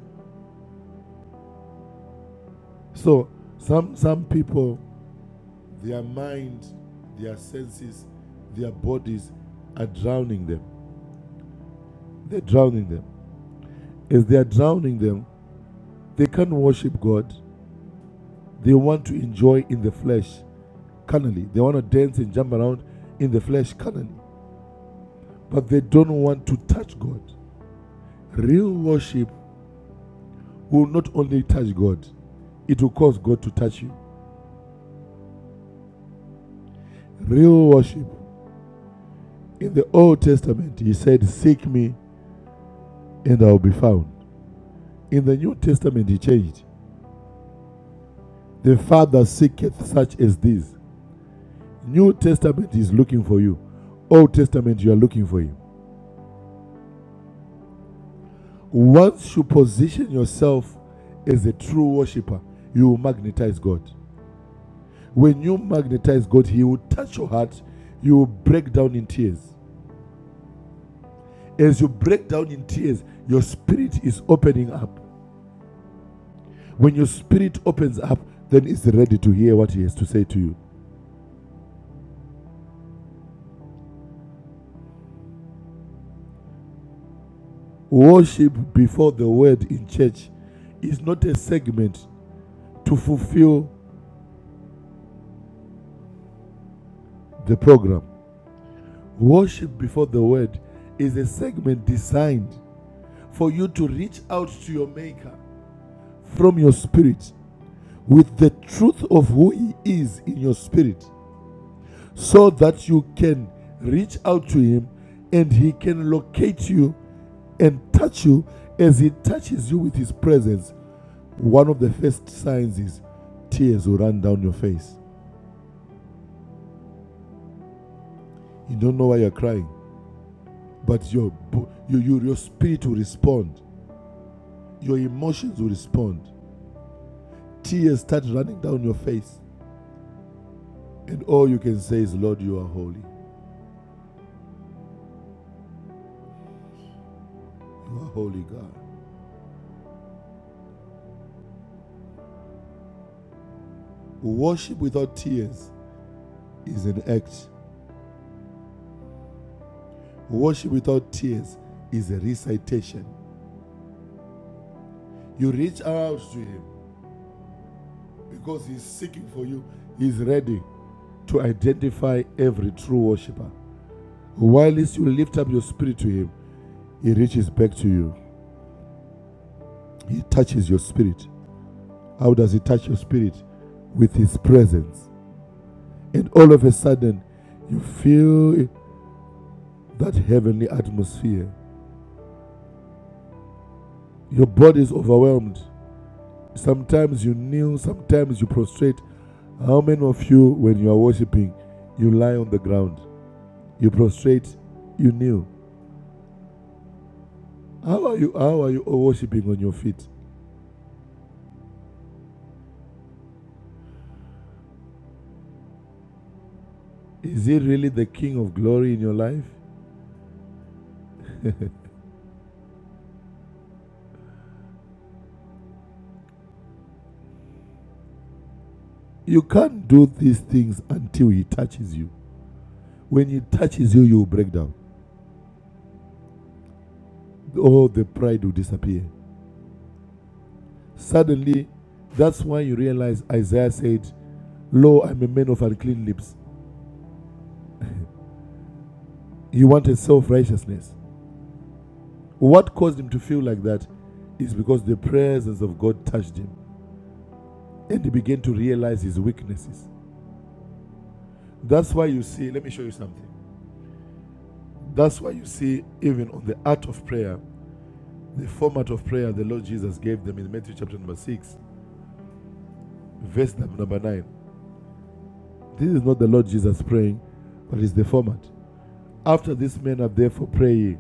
So some some people, their mind, their senses, their bodies are drowning them. They're drowning them. As they are drowning them, they can't worship God. They want to enjoy in the flesh carnally. They want to dance and jump around in the flesh carnally. but they don't want to touch God. Real worship will not only touch God, it will cause God to touch you. Real worship. In the Old Testament, he said, Seek me and I will be found. In the New Testament, he changed. The Father seeketh such as these. New Testament is looking for you. Old Testament, you are looking for him. Once you position yourself as a true worshiper, you will magnetize God. When you magnetize God, He will touch your heart. You will break down in tears. As you break down in tears, your spirit is opening up. When your spirit opens up, then it's ready to hear what He has to say to you. Worship before the word in church is not a segment to fulfill the program. Worship before the word is a segment designed for you to reach out to your Maker from your spirit with the truth of who He is in your spirit so that you can reach out to him and he can locate you and touch you as he touches you with his presence. One of the first signs is tears will run down your face. You don't know why you're crying, but your, your, your spirit will respond, your emotions will respond. Tears start running down your face, and all you can say is, Lord, you are holy. You are holy, God. Worship without tears is an act Worship without tears is a recitation. You reach out to Him because He's seeking for you. He's ready to identify every true worshiper. While you lift up your spirit to Him, He reaches back to you. He touches your spirit. How does He touch your spirit? With His presence. And all of a sudden, you feel that heavenly atmosphere. Your body is overwhelmed. Sometimes you kneel, sometimes you prostrate, How many of you, when you are worshiping, you lie on the ground, you prostrate, you kneel? How are you? How are you worshiping on your feet? Is he really the King of glory in your life? You can't do these things until he touches you. When he touches you, you will break down. All the pride will disappear. Suddenly, that's why you realize Isaiah said, Lo, I'm a man of unclean lips. He wanted self righteousness. What caused him to feel like that is because the presence of God touched him. and he began to realize his weaknesses. That's why you see, let me show you something. That's why you see, even on the art of prayer, the format of prayer the Lord Jesus gave them in Matthew chapter number 6, verse number 9. This is not the Lord Jesus praying, but it's the format. After this men are therefore praying,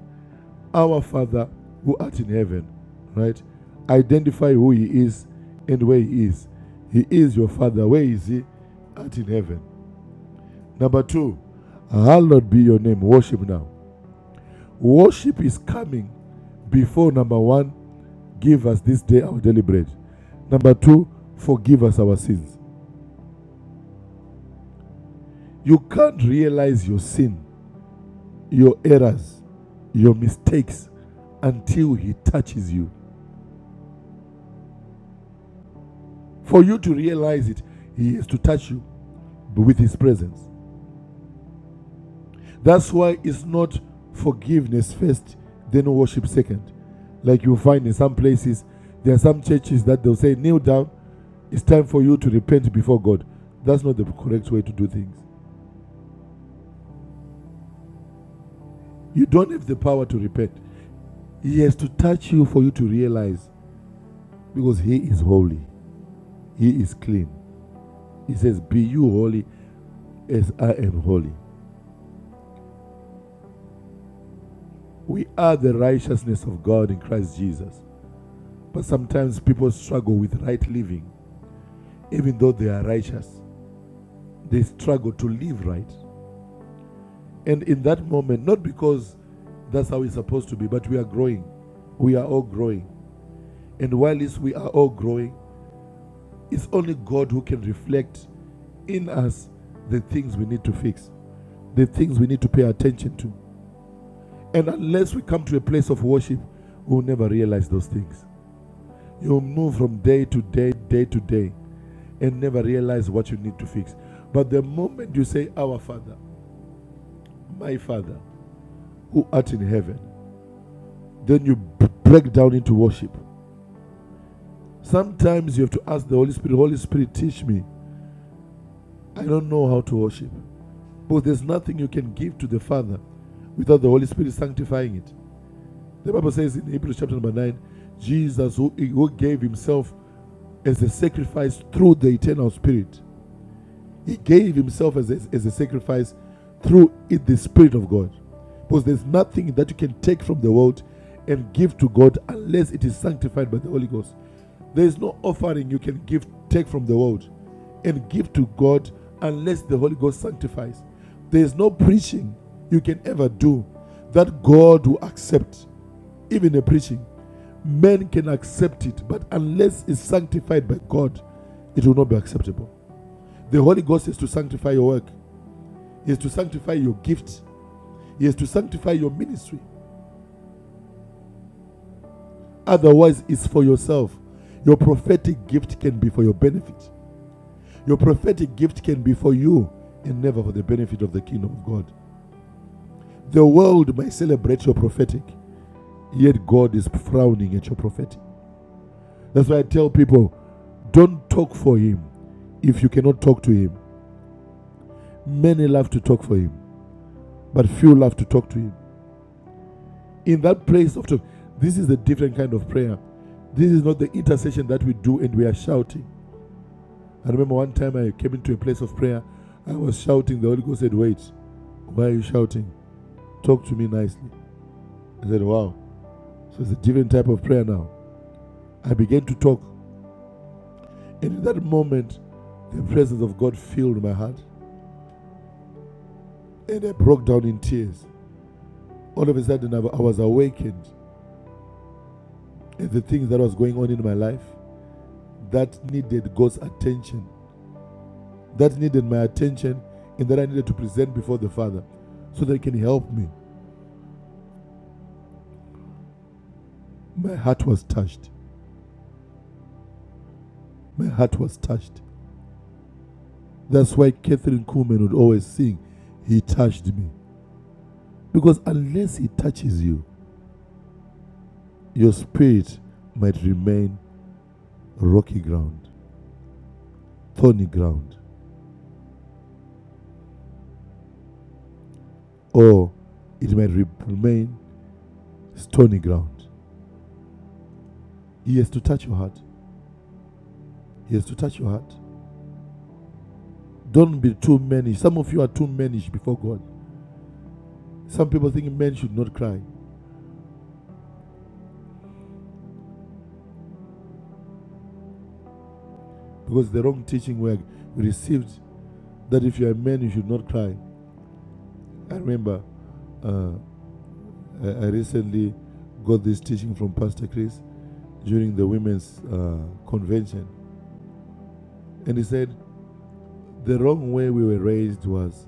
Our Father who art in heaven, right? Identify who he is and where he is. He is your Father. Where is he? Art in heaven. Number two, hallowed be your name. Worship now. Worship is coming before number one, give us this day our daily bread. Number two, forgive us our sins. You can't realize your sin, your errors, your mistakes until He touches you. For you to realize it, He has to touch you with His presence. That's why it's not forgiveness first, then worship second. Like you find in some places, there are some churches that they'll say, kneel down, It's time for you to repent before God. That's not the correct way to do things. You don't have the power to repent. He has to touch you for you to realize because He is holy, He is clean. He says, Be you holy as I am holy. We are the righteousness of God in Christ Jesus. But sometimes people struggle with right living, even though they are righteous. They struggle to live right. And in that moment, not because that's how it's supposed to be, but we are growing. We are all growing. And while we are all growing, it's only God who can reflect in us the things we need to fix, the things we need to pay attention to. And unless we come to a place of worship, we'll never realize those things. You'll move from day to day, day to day, and never realize what you need to fix. But the moment you say, Our Father, my Father, who art in heaven, then you b- break down into worship. Sometimes you have to ask the Holy Spirit, Holy Spirit, teach me. I don't know how to worship. But there's nothing you can give to the Father without the Holy Spirit sanctifying it. The Bible says in Hebrews chapter number 9, Jesus, who, who gave himself as a sacrifice through the eternal Spirit, he gave himself as a, as a sacrifice through it, the Spirit of God. Because there's nothing that you can take from the world and give to God unless it is sanctified by the Holy Ghost. There is no offering you can give, take from the world and give to God unless the Holy Ghost sanctifies. There is no preaching you can ever do that God will accept, even a preaching. Men can accept it, but unless it's sanctified by God, it will not be acceptable. The Holy Ghost is to sanctify your work, He is to sanctify your gift, He is to sanctify your ministry. Otherwise, it's for yourself. Your prophetic gift can be for your benefit. Your prophetic gift can be for you and never for the benefit of the kingdom of God. The world may celebrate your prophetic, yet God is frowning at your prophetic. That's why I tell people don't talk for Him if you cannot talk to Him. Many love to talk for Him, but few love to talk to Him. In that place of talk, this is a different kind of prayer. This is not the intercession that we do and we are shouting. I remember one time I came into a place of prayer. I was shouting. The Holy Ghost said, Wait, why are you shouting? Talk to me nicely. I said, wow, so it's a different type of prayer now. I began to talk. And in that moment, the presence of God filled my heart. And I broke down in tears. All of a sudden, I was awakened. And the things that was going on in my life, that needed God's attention. That needed my attention and that I needed to present before the Father so that He can help me. My heart was touched. My heart was touched. That's why Catherine Kuhlman would always sing, He touched me. Because unless He touches you, your spirit might remain rocky ground, thorny ground, or it might re- remain stony ground. He has to touch your heart. He has to touch your heart. Don't be too mannish. Some of you are too mannish before God. Some people think men should not cry because the wrong teaching we received that if you are a man, you should not cry. I remember uh, I I recently got this teaching from Pastor Chris during the women's uh, convention, and he said, The wrong way we were raised was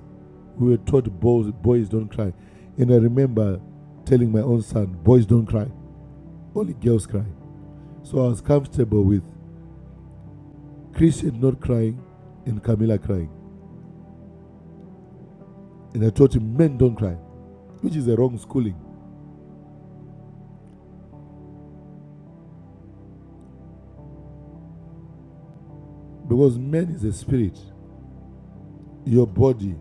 we were taught boys, boys don't cry. And I remember telling my own son, boys don't cry, only girls cry. So I was comfortable with Christian not crying and Camilla crying. And I taught him, men don't cry, which is a wrong schooling because man is a spirit, your body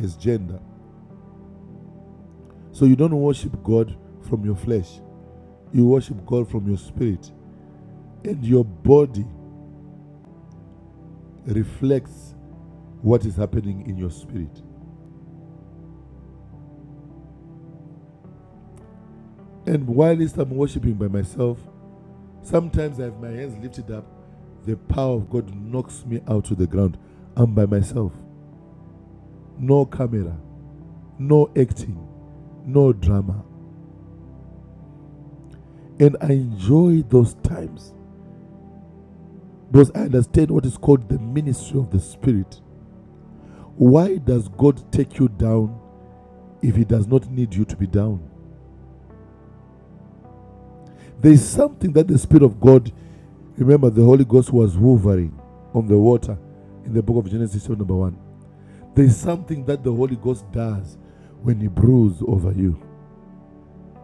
is gender. So you don't worship God from your flesh, you worship God from your spirit. And your body reflects what is happening in your spirit. And whilst I'm worshiping by myself, sometimes I have my hands lifted up. The power of God knocks me out to the ground. I'm by myself. No camera, no acting, no drama. And I enjoy those times because I understand what is called the ministry of the Spirit. Why does God take you down if He does not need you to be down? There is something that the Spirit of God, remember, the Holy Ghost was hovering on the water in the book of Genesis, chapter number one. There's something that the Holy Ghost does when He brews over you,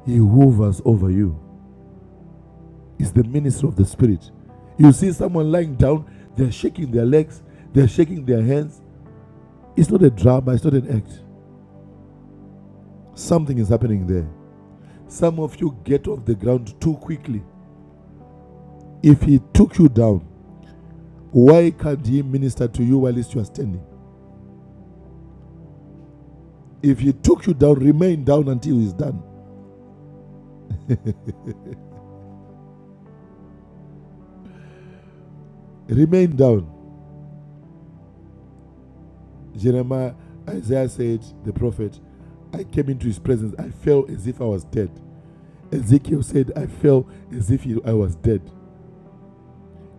He hovers over you. It's the ministry of the Spirit. You see someone lying down, they're shaking their legs, they're shaking their hands. It's not a drama, it's not an act. Something is happening there. Some of you get off the ground too quickly. If He took you down, why can't He minister to you while you are standing? If He took you down, remain down until He's done. Remain down. Jeremiah, Isaiah said, the prophet, I came into his presence. I fell as if I was dead. Ezekiel said, I fell as if I was dead.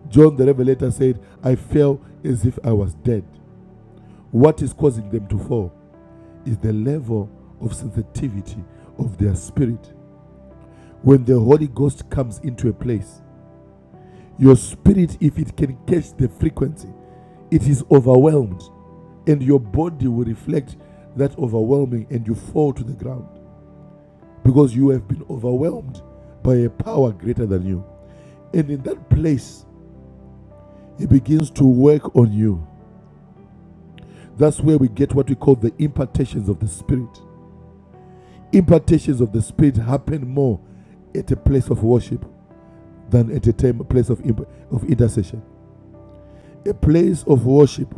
John the Revelator said, I fell as if I was dead. What is causing them to fall is the level of sensitivity of their spirit. When the Holy Ghost comes into a place, your spirit, if it can catch the frequency, it is overwhelmed, and your body will reflect that overwhelming, and you fall to the ground. because you have been overwhelmed by a power greater than you. And in that place, it begins to work on you. That's where we get what we call the impartations of the Spirit. Impartations of the Spirit happen more at a place of worship than at a time, a place of, imp- of intercession. A place of worship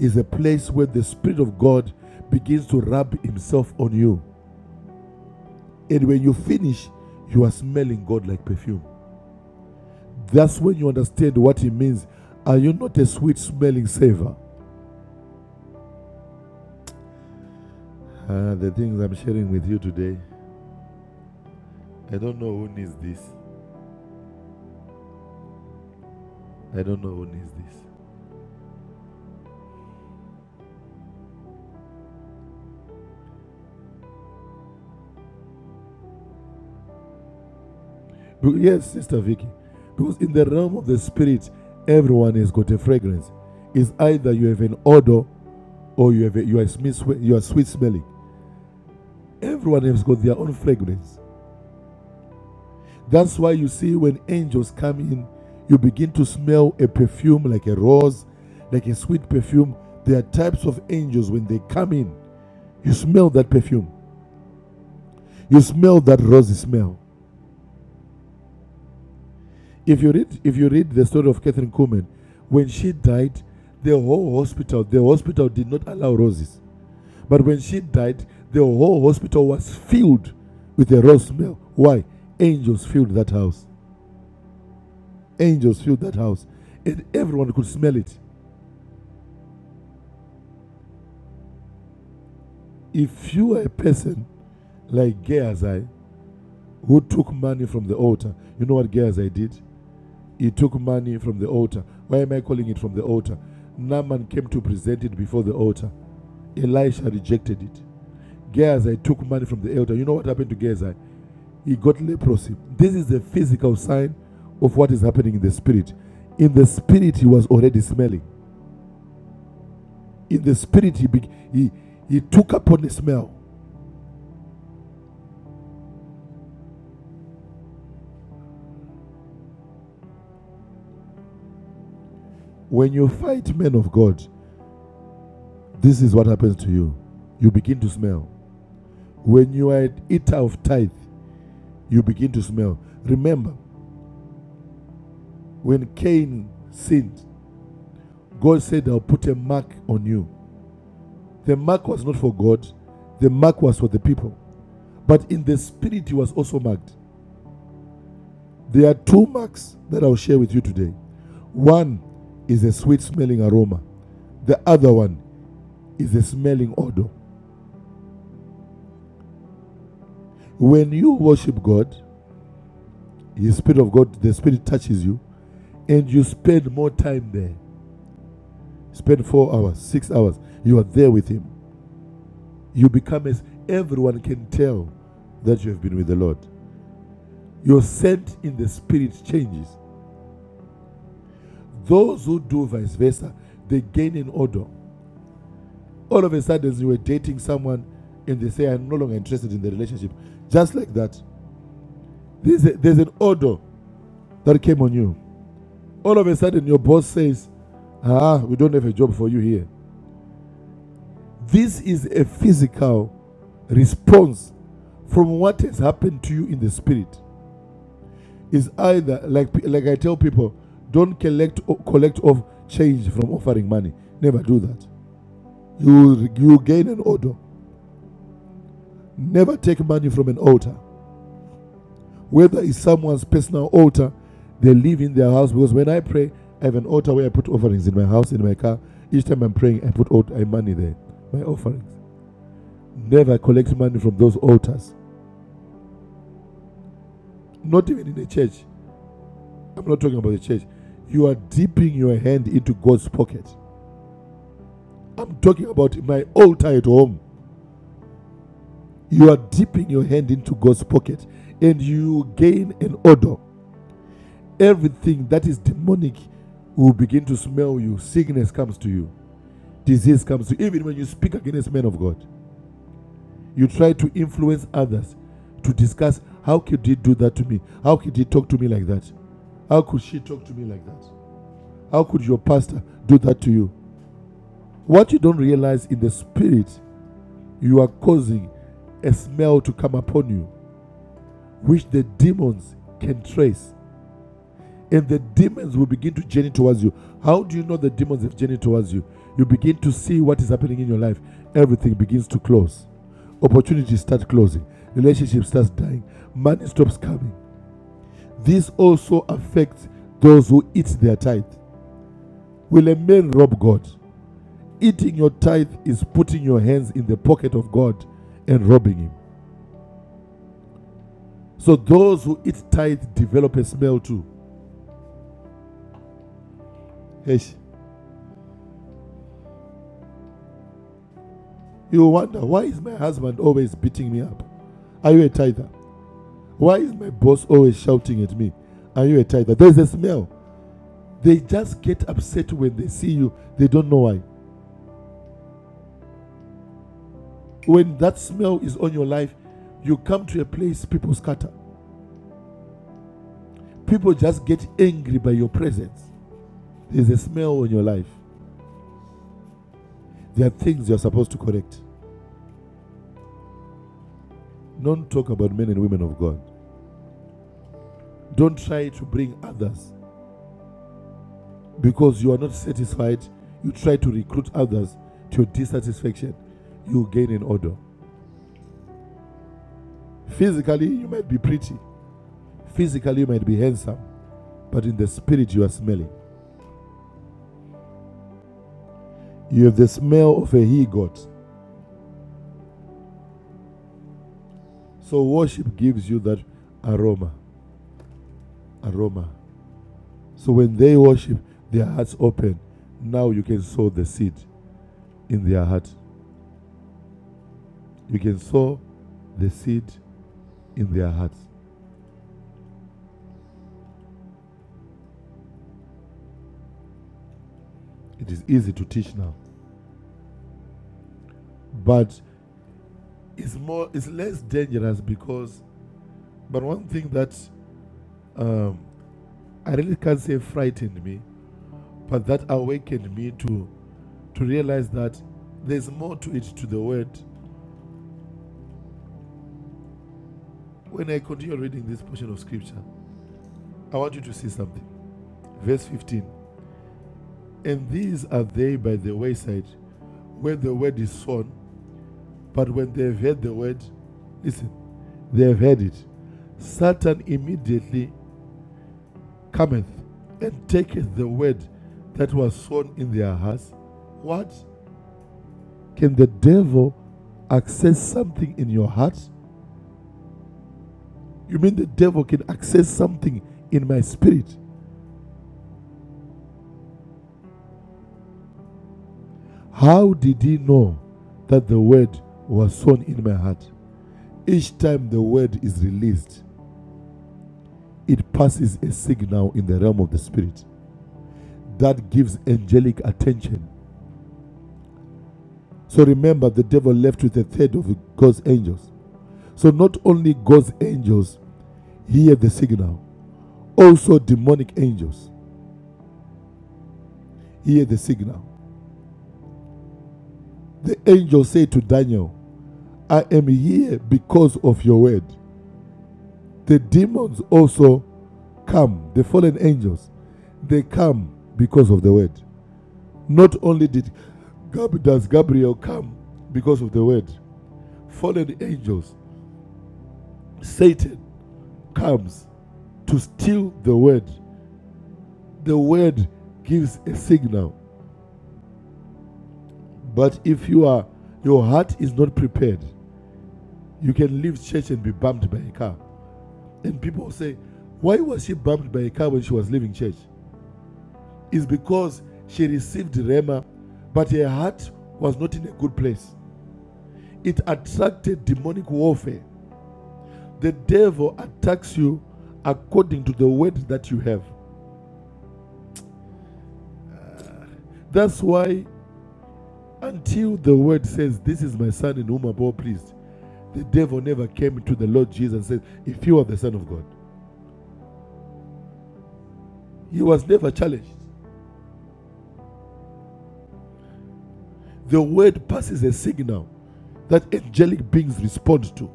is a place where the Spirit of God begins to rub Himself on you. And when you finish, you are smelling God like perfume. That's when you understand what it means. Are you not a sweet smelling savor? Uh, the things I'm sharing with you today, I don't know who needs this. I don't know who needs this. Be- Yes, Sister Vicky, because in the realm of the spirit, everyone has got a fragrance. It's either you have an odor or you have a, you are sweet smelling. Everyone has got their own fragrance. That's why you see when angels come in, you begin to smell a perfume like a rose, like a sweet perfume. There are types of angels when they come in, you smell that perfume. You smell that rosy smell. If you read if you read the story of Catherine Kuhlman, when she died, the whole hospital, the hospital did not allow roses. But when she died, the whole hospital was filled with a rose smell. Why? Angels filled that house. Angels filled that house. And everyone could smell it. If you are a person like Gehazi who took money from the altar, you know what Gehazi did? He took money from the altar. Why am I calling it from the altar? Naaman came to present it before the altar. Elisha rejected it. Gehazi took money from the altar. You know what happened to Gehazi? He got leprosy. This is the physical sign of what is happening in the spirit. In the spirit, he was already smelling. In the spirit, he, be- he, he took upon the smell. When you fight men of God, This is what happens to you. You begin to smell. When you are an eater of tithe, you begin to smell. Remember, when Cain sinned, God said, I'll put a mark on you. The mark was not for God, the mark was for the people. But in the spirit, he was also marked. There are two marks that I'll share with you today. One is a sweet smelling aroma, the other one is a smelling odor. When you worship God, the Spirit of God, the Spirit touches you, and you spend more time there, spend four hours, six hours, you are there with Him. You become as everyone can tell that you have been with the Lord. Your scent in the Spirit changes. Those who do vice versa, they gain an odor. All of a sudden, you were dating someone and they say, I'm no longer interested in the relationship. Just like that. There's, a, there's an odor that came on you. All of a sudden, your boss says, Ah, we don't have a job for you here. This is a physical response from what has happened to you in the spirit is either like like I tell people, don't collect collect off change from offering money. Never do that. You you gain an order. Never take money from an altar, whether it's someone's personal altar. They live in their house because when I pray, I have an altar where I put offerings in my house, in my car. Each time I'm praying, I put out my money there, my offerings. Never collect money from those altars, not even in the church. I'm not talking about the church. You are dipping your hand into God's pocket. I'm talking about my altar at home. You are dipping your hand into God's pocket and you gain an odor. Everything that is demonic will begin to smell you. Sickness comes to you, disease comes to you. Even when you speak against men of God, you try to influence others to discuss how could he do that to me? How could he talk to me like that? How could she talk to me like that? How could your pastor do that to you? What you don't realize in the spirit, you are causing a smell to come upon you, which the demons can trace. And the demons will begin to journey towards you. How do you know the demons have journeyed towards you? You begin to see what is happening in your life. Everything begins to close. Opportunities start closing. Relationship starts dying. Money stops coming. This also affects those who eat their tithe. Will a man rob God? Eating your tithe is putting your hands in the pocket of God and robbing Him. So those who eat tithe develop a smell too. Eish. You wonder, why is my husband always beating me up? Are you a tither? Why is my boss always shouting at me? Are you a tither? There's a smell. They just get upset when they see you. They don't know why. When that smell is on your life, you come to a place, people scatter. People just get angry by your presence. There's a smell on your life. There are things you're supposed to correct. Don't talk about men and women of God. Don't try to bring others because you are not satisfied. You try to recruit others to your dissatisfaction. You gain an odor. Physically, you might be pretty. Physically, you might be handsome. But in the spirit, you are smelling. You have the smell of a he goat. So worship gives you that aroma. Aroma. So when they worship, their hearts open. Now you can sow the seed in their heart. You can sow the seed in their hearts. it is easy to teach now but it's more it's less dangerous because but one thing that um, i really can't say frightened me but that awakened me to to realize that there's more to it to the word when i continue reading this portion of scripture i want you to see something verse 15 and these are they by the wayside where the word is sown but when they've heard the word listen they've heard it satan immediately cometh and taketh the word that was sown in their hearts. What? Can the devil access something in your heart? You mean the devil can access something in my spirit? How did he know that the word was sown in my heart? Each time the word is released, it passes a signal in the realm of the spirit that gives angelic attention. So remember, the devil left with a third of God's angels. So not only God's angels Hear the signal. Also, demonic angels. Hear the signal. The angel said to Daniel, I am here because of your word. The demons also come, the fallen angels, they come because of the word. Not only did Gab- does Gabriel come because of the word, fallen angels, Satan comes to steal the word. The word gives a signal. But if you are your heart is not prepared, You can leave church and be bumped by a car. And people say, why was she bumped by a car when she was leaving church? It's because she received Rema, but her heart was not in a good place. It attracted demonic warfare. The devil attacks you according to the word that you have. That's why, until the word says, This is my son in whom I'm well pleased, the devil never came to the Lord Jesus and said, If you are the Son of God, he was never challenged. The word passes a signal. that angelic beings respond to.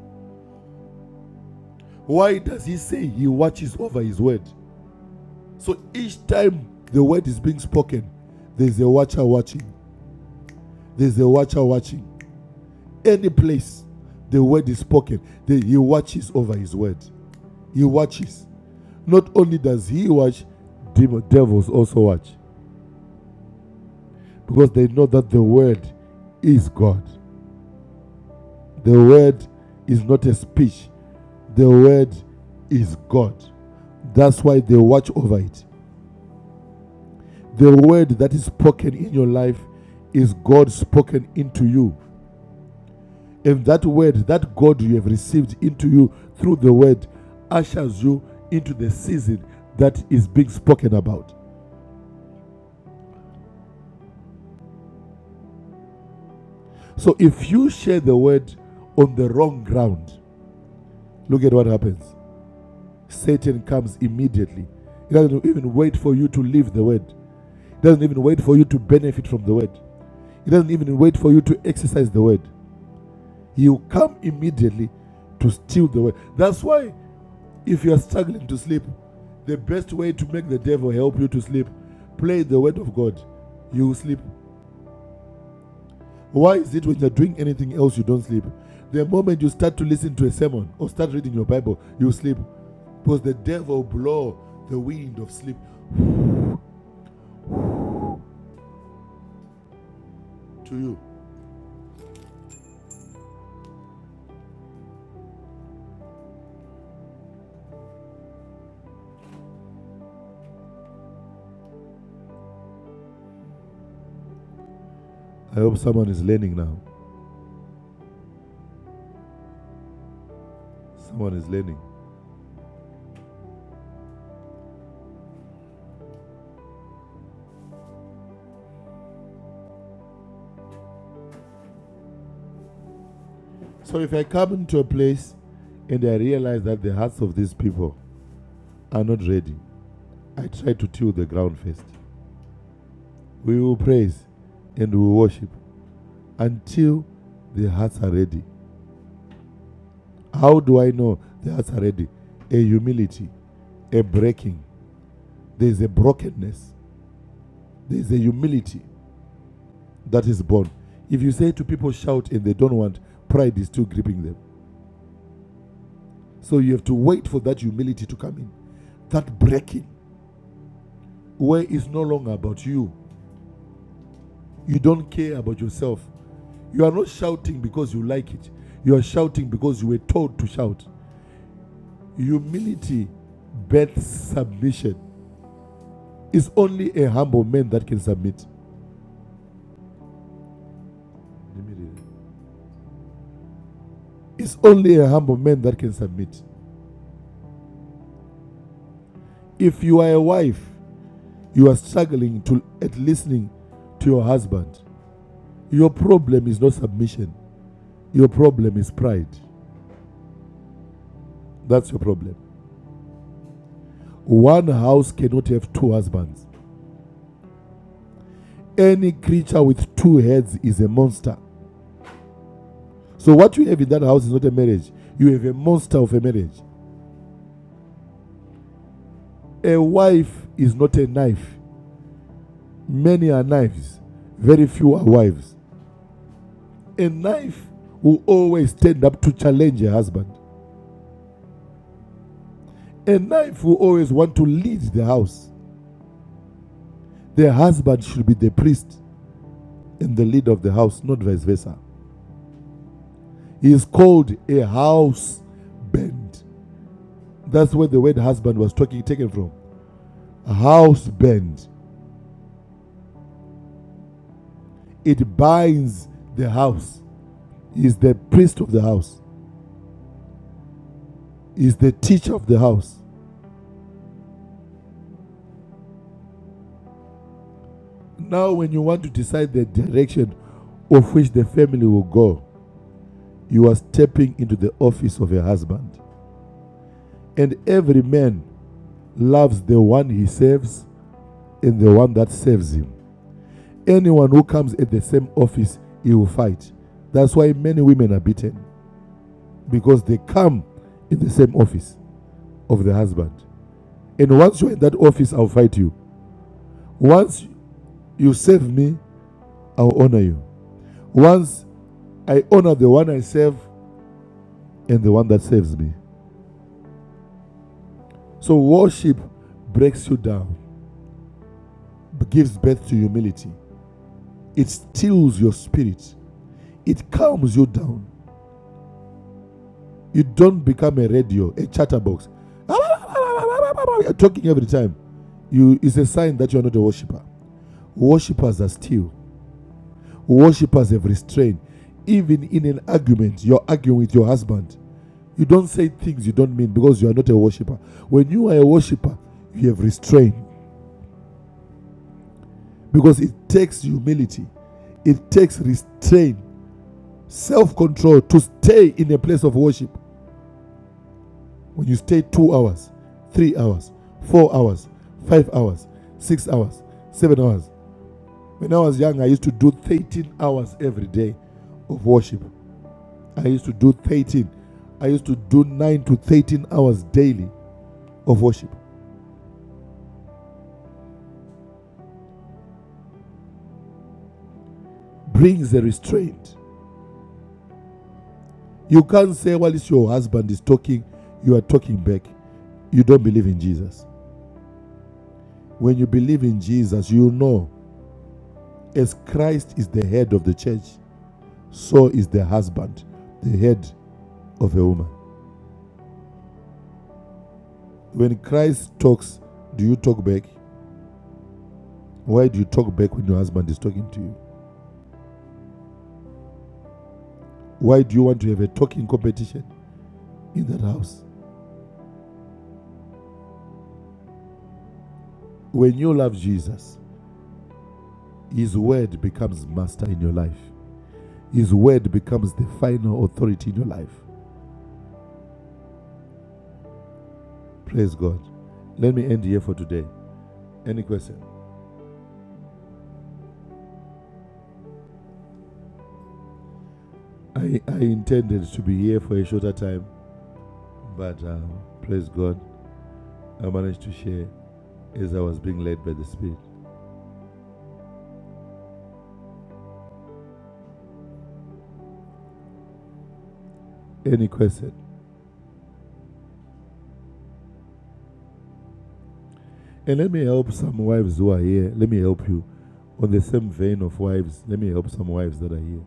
Why does he say he watches over his word? So each time the word is being spoken, there's a watcher watching. There's a watcher watching. Any place the word is spoken, the, he watches over his word. He watches. Not only does he watch, demon devils also watch because they know that the word is God. The word is not a speech. The word is God. That's why they watch over it. The word that is spoken in your life is God spoken into you. And that word that God you have received into you through the word ushers you into the season that is being spoken about. So if you share the word on the wrong ground, look at what happens. Satan comes immediately. He doesn't even wait for you to leave the word. He doesn't even wait for you to benefit from the word. He doesn't even wait for you to exercise the word. He will come immediately to steal the word. That's why, if you are struggling to sleep, the best way to make the devil help you to sleep, play the word of God. You will sleep. Why is it when you're doing anything else you don't sleep? The moment you start to listen to a sermon or start reading your Bible, you sleep. Because the devil blow the wind of sleep to you. I hope someone is learning now. Someone is learning. So if I come into a place and I realize that the hearts of these people are not ready, I try to till the ground first. We will praise and we will worship until the hearts are ready. How do I know the hearts are ready? A humility, a breaking. There's a brokenness. There's a humility that is born. If you say to people, shout, and they don't want, pride is still gripping them. So you have to wait for that humility to come in, that breaking, where it's no longer about you. You don't care about yourself. You are not shouting because you like it. You are shouting because you were told to shout. Humility births submission. It's only a humble man that can submit. Let It's only a humble man that can submit. If you are a wife, you are struggling to at listening to your husband. Your problem is not submission. Your problem is pride. That's your problem. One house cannot have two husbands. Any creature with two heads is a monster. So what you have in that house is not a marriage. You have a monster of a marriage. A wife is not a knife. Many are knives, very few are wives. A knife will always stand up to challenge a husband. A knife will always want to lead the house. The husband should be the priest and the leader of the house, not vice versa. He is called a house band. That's where the word husband was talking taken from. A House band. It binds the house He's the priest of the house. He's the teacher of the house. Now, when you want to decide the direction of which the family will go, you are stepping into the office of a husband. And every man loves the one he serves and the one that serves him. Anyone who comes at the same office, he will fight. That's why many women are beaten because they come in the same office of the husband. And once you're in that office, I'll fight you. Once you serve me, I'll honor you. Once I honor the one I serve and the one that saves me. So worship breaks you down, gives birth to humility. It steals your spirit. It calms you down. You don't become a radio, a chatterbox. You're talking every time. You is a sign that you're not a worshiper. Worshippers are still. Worshippers have restraint. Even in an argument, you're arguing with your husband. You don't say things you don't mean because you are not a worshiper. When you are a worshiper, you have restraint because it takes humility, it takes restraint, self control to stay in a place of worship. When you stay two hours, three hours, four hours, five hours, six hours, seven hours. When I was young, I used to do 13 hours every day of worship. I used to do 13. I used to do 9 to 13 hours daily of worship. Brings a restraint You can't say, while it's your husband is talking, you are talking back. You don't believe in Jesus. When you believe in Jesus, you know as Christ is the head of the church, so is the husband, the head of a woman. When Christ talks, do you talk back? Why do you talk back when your husband is talking to you? Why do you want to have a talking competition in that house? When you love Jesus, His word becomes master in your life. His word becomes the final authority in your life. Praise God. Let me end here for today. Any question? I, I intended to be here for a shorter time, but um, praise God, I managed to share as I was being led by the Spirit. Any question? And let me help some wives who are here. Let me help you. On the same vein of wives, let me help some wives that are here.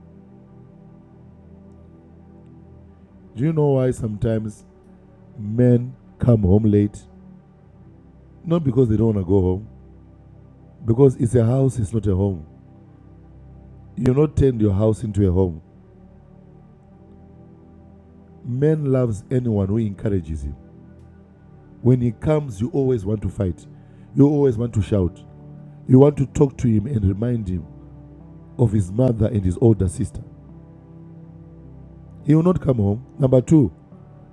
Do you know why sometimes men come home late? Not because they don't want to go home, because it's a house, it's not a home. You not turn your house into a home. Man loves anyone who encourages him. When he comes, you always want to fight. You always want to shout. You want to talk to him and remind him of his mother and his older sister. He will not come home. Number two,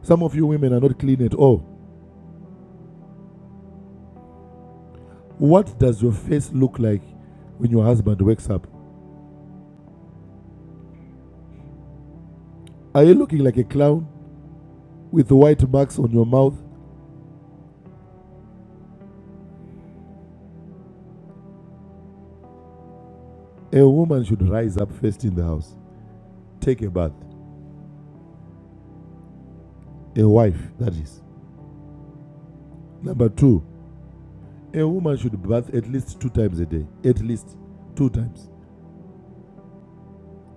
some of you women are not clean at all. What does your face look like when your husband wakes up? Are you looking like a clown with white marks on your mouth? A woman should rise up first in the house, take a bath. A wife, that is. Number two, a woman should bath at least two times a day. At least two times.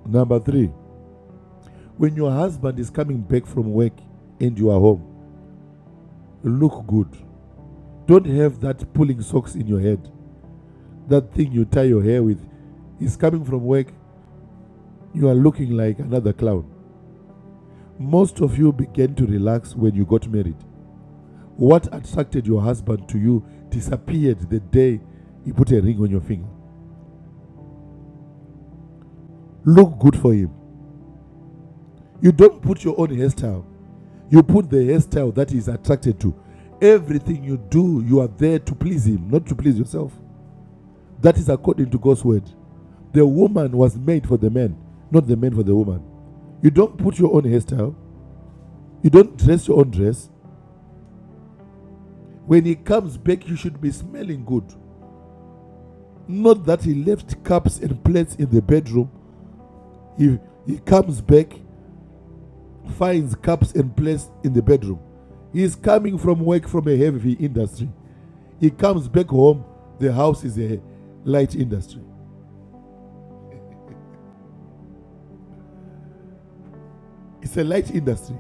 Number three, When your husband is coming back from work and you are home, look good. Don't have that pulling socks in your head. That thing you tie your hair with is coming from work. You are looking like another clown. Most of you began to relax when you got married. What attracted your husband to you disappeared the day he put a ring on your finger. Look good for him. You don't put your own hairstyle, you put the hairstyle that he is attracted to. Everything you do, you are there to please him, not to please yourself. That is according to God's word. The woman was made for the man, not the man for the woman. You don't put your own hairstyle, you don't dress your own dress. When he comes back, you should be smelling good. Not that he left cups and plates in the bedroom. He, he comes back, finds cups and plates in the bedroom. He is coming from work from a heavy industry. He comes back home, the house is a light industry. It's a light industry.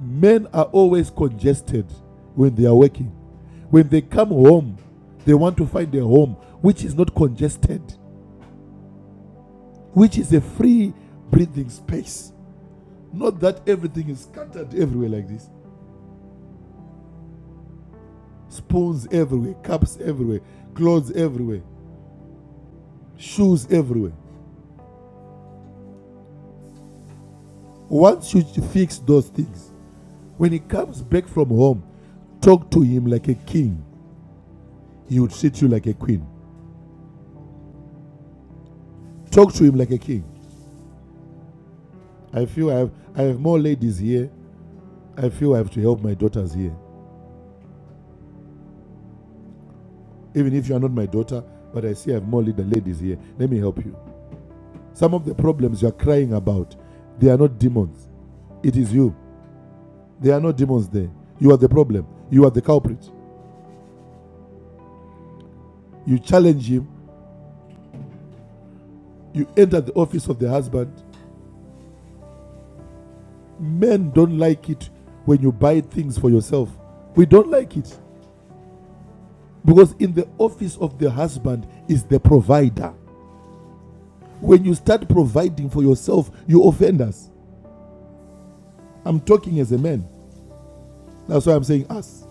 Men are always congested when they are working. When they come home, they want to find a home which is not congested, which is a free breathing space. Not that everything is scattered everywhere like this spoons everywhere, cups everywhere, clothes everywhere, shoes everywhere. Once you fix those things, when he comes back from home, talk to him like a king. He would treat you like a queen. Talk to him like a king. I feel I have I have more ladies here I feel I have to help my daughters here. Even if you are not my daughter, but I see I have more little ladies here. Let me help you. Some of the problems you are crying about, they are not demons. It is you. There are no demons there. You are the problem. You are the culprit. You challenge him. You enter the office of the husband. Men don't like it when you buy things for yourself. We don't like it because in the office of the husband is the provider. When you start providing for yourself, you offend us. I'm talking as a man. That's why I'm saying us.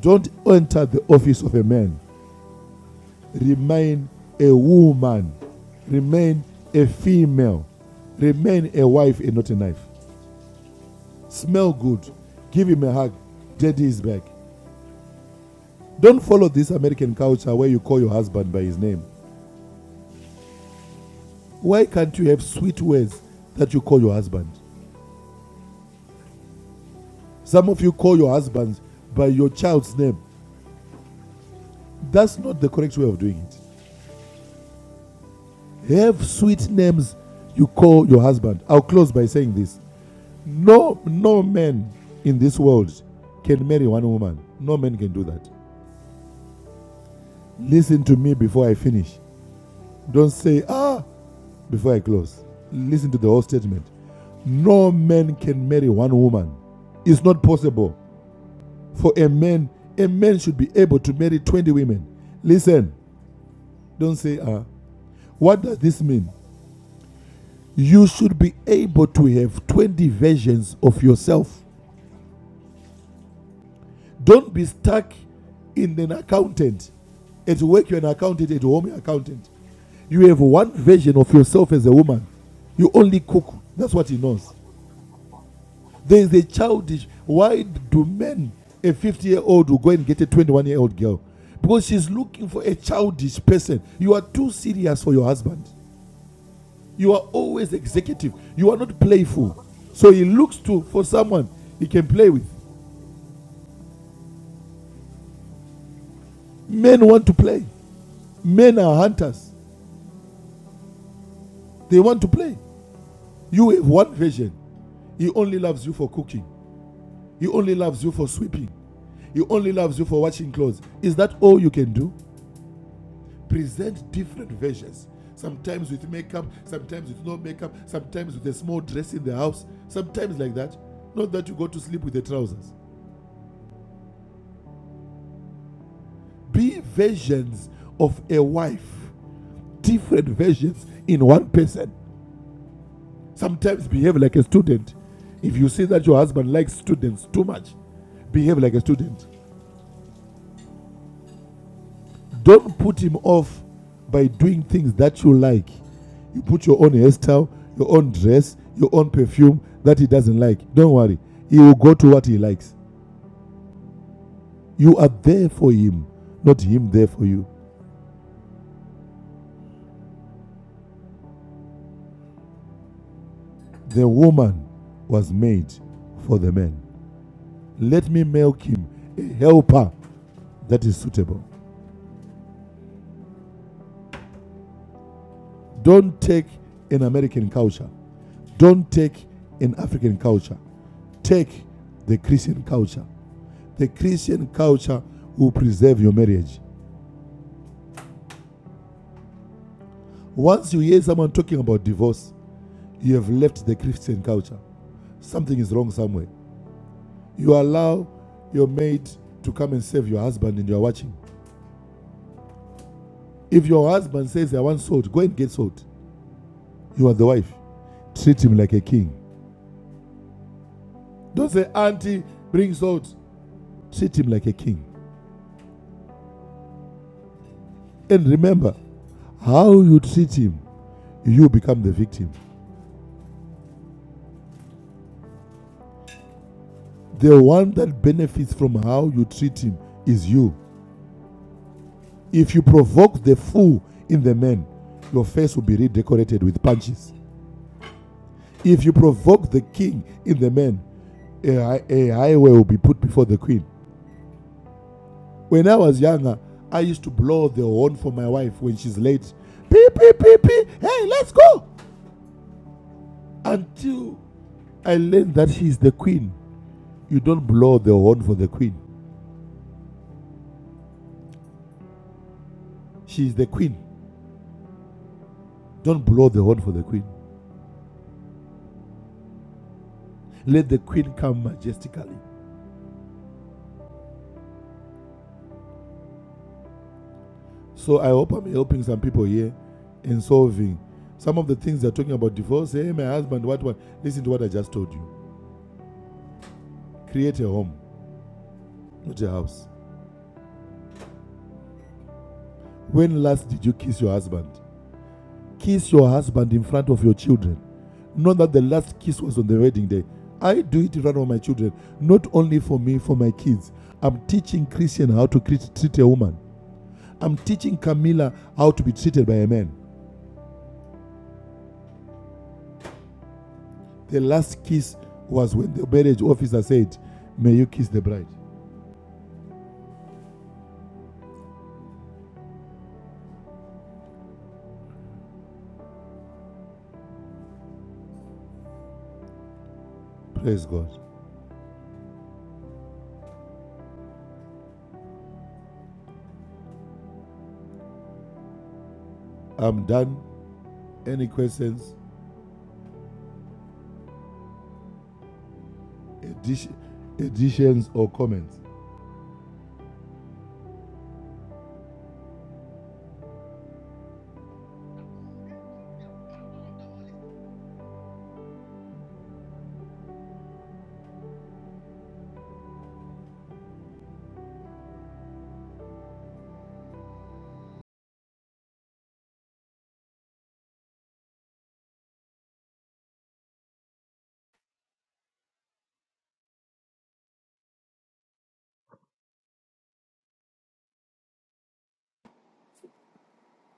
Don't enter the office of a man. Remain a woman. Remain a female. Remain a wife and not a knife. Smell good. Give him a hug. Daddy is back. Don't follow this American culture where you call your husband by his name. Why can't you have sweet words that you call your husband? Some of you call your husbands by your child's name. That's not the correct way of doing it. Have sweet names you call your husband. I'll close by saying this. No, no man in this world can marry one woman. No man can do that. Listen to me before I finish. Don't say, ah, before I close. Listen to the whole statement. No man can marry one woman. It's not possible for a man. A man should be able to marry 20 women. Listen, don't say, ah. What does this mean? You should be able to have 20 versions of yourself. Don't be stuck in an accountant. At work, you're an accountant. At home, you're an accountant. You have one version of yourself as a woman. You only cook. That's what he knows. There is a childish. Why do men, a 50 year old, will go and get a 21 year old girl? Because she's looking for a childish person. You are too serious for your husband. You are always executive. You are not playful. So he looks to for someone he can play with. Men want to play. Men are hunters. They want to play. You have one version. He only loves you for cooking. He only loves you for sweeping. He only loves you for washing clothes. Is that all you can do? Present different versions. Sometimes with makeup, sometimes with no makeup, sometimes with a small dress in the house, sometimes like that. Not that you go to sleep with the trousers. Be versions of a wife, different versions in one person. Sometimes behave like a student. If you see that your husband likes students too much, behave like a student. Don't put him off by doing things that you like. You put your own hairstyle, your own dress, your own perfume that he doesn't like. Don't worry. He will go to what he likes. You are there for him, not him there for you. The woman was made for the man. Let me make him a helper that is suitable. Don't take an American culture. Don't take an African culture. Take the Christian culture. The Christian culture will preserve your marriage. Once you hear someone talking about divorce, you have left the Christian culture. Something is wrong somewhere. You allow your maid to come and save your husband and you are watching. If your husband says, I want salt, go and get salt. You are the wife. Treat him like a king. Don't say, Auntie, bring salt. Treat him like a king. And remember, how you treat him, you become the victim. The one that benefits from how you treat him is you. If you provoke the fool in the man, your face will be redecorated with punches. If you provoke the king in the man, a, a highway will be put before the queen. When I was younger, I used to blow the horn for my wife when she's late. Pee, pee, pee, pee. Hey, let's go. Until I learned that she's the queen. You don't blow the horn for the queen. She's the queen. Don't blow the horn for the queen. Let the queen come majestically. So I hope I'm helping some people here in solving some of the things they're talking about divorce. Hey, my husband, what what? Listen to what I just told you. Create a home, not a house. When last did you kiss your husband? Kiss your husband in front of your children. Not that the last kiss was on the wedding day. I do it in front of my children, not only for me, for my kids. I'm teaching Christian how to treat a woman. I'm teaching Camilla how to be treated by a man. The last kiss was when the marriage officer said, May you kiss the bride. Praise God. I'm done. Any questions, additions, or comments?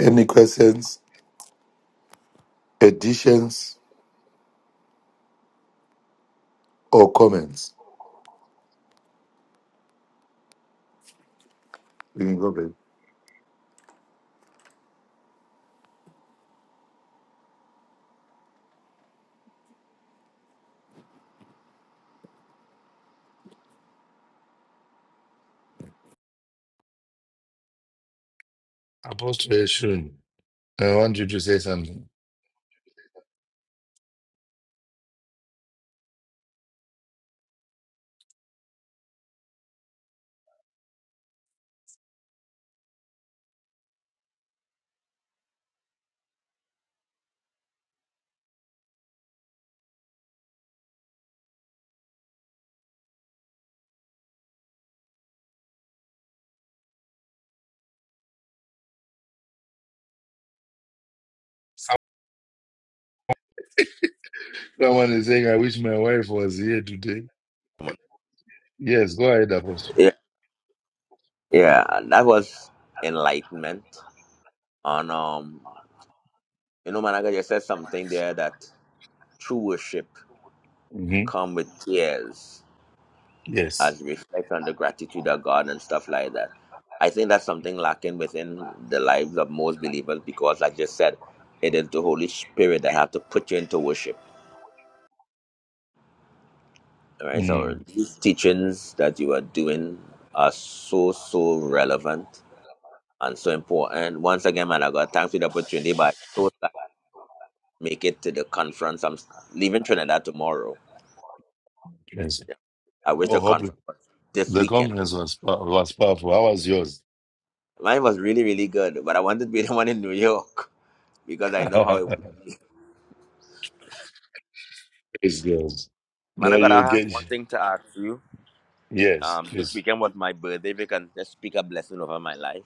Any questions, additions, or comments? We can go back. Apostle Eshun, I want you to. Someone is saying, I wish my wife was here today. Yes, go ahead, Apostle. Yeah, yeah, that was enlightenment. And um, you know, Managa just said something there that true worship hmm come with tears Yes. as we reflect on the gratitude of God and stuff like that. I think that's something lacking within the lives of most believers because, like you said, it is the Holy Spirit that have to put you into worship. All right, so Mm, these teachings that you are doing are so so relevant and so important. Once again, man, I got thanks for the opportunity, but make it to the conference. I'm leaving Trinidad tomorrow. yes. Yeah. I wish Oh, the hope conference was this the weekend. conference was pow- was powerful. How was yours? Mine was really, really good, but I wanted to be the one in New York because I know how it Praise was. God. Man, No, I gotta you have get. one thing to ask you. Yes, Um, this please. weekend was my birthday. If you can just speak a blessing over my life.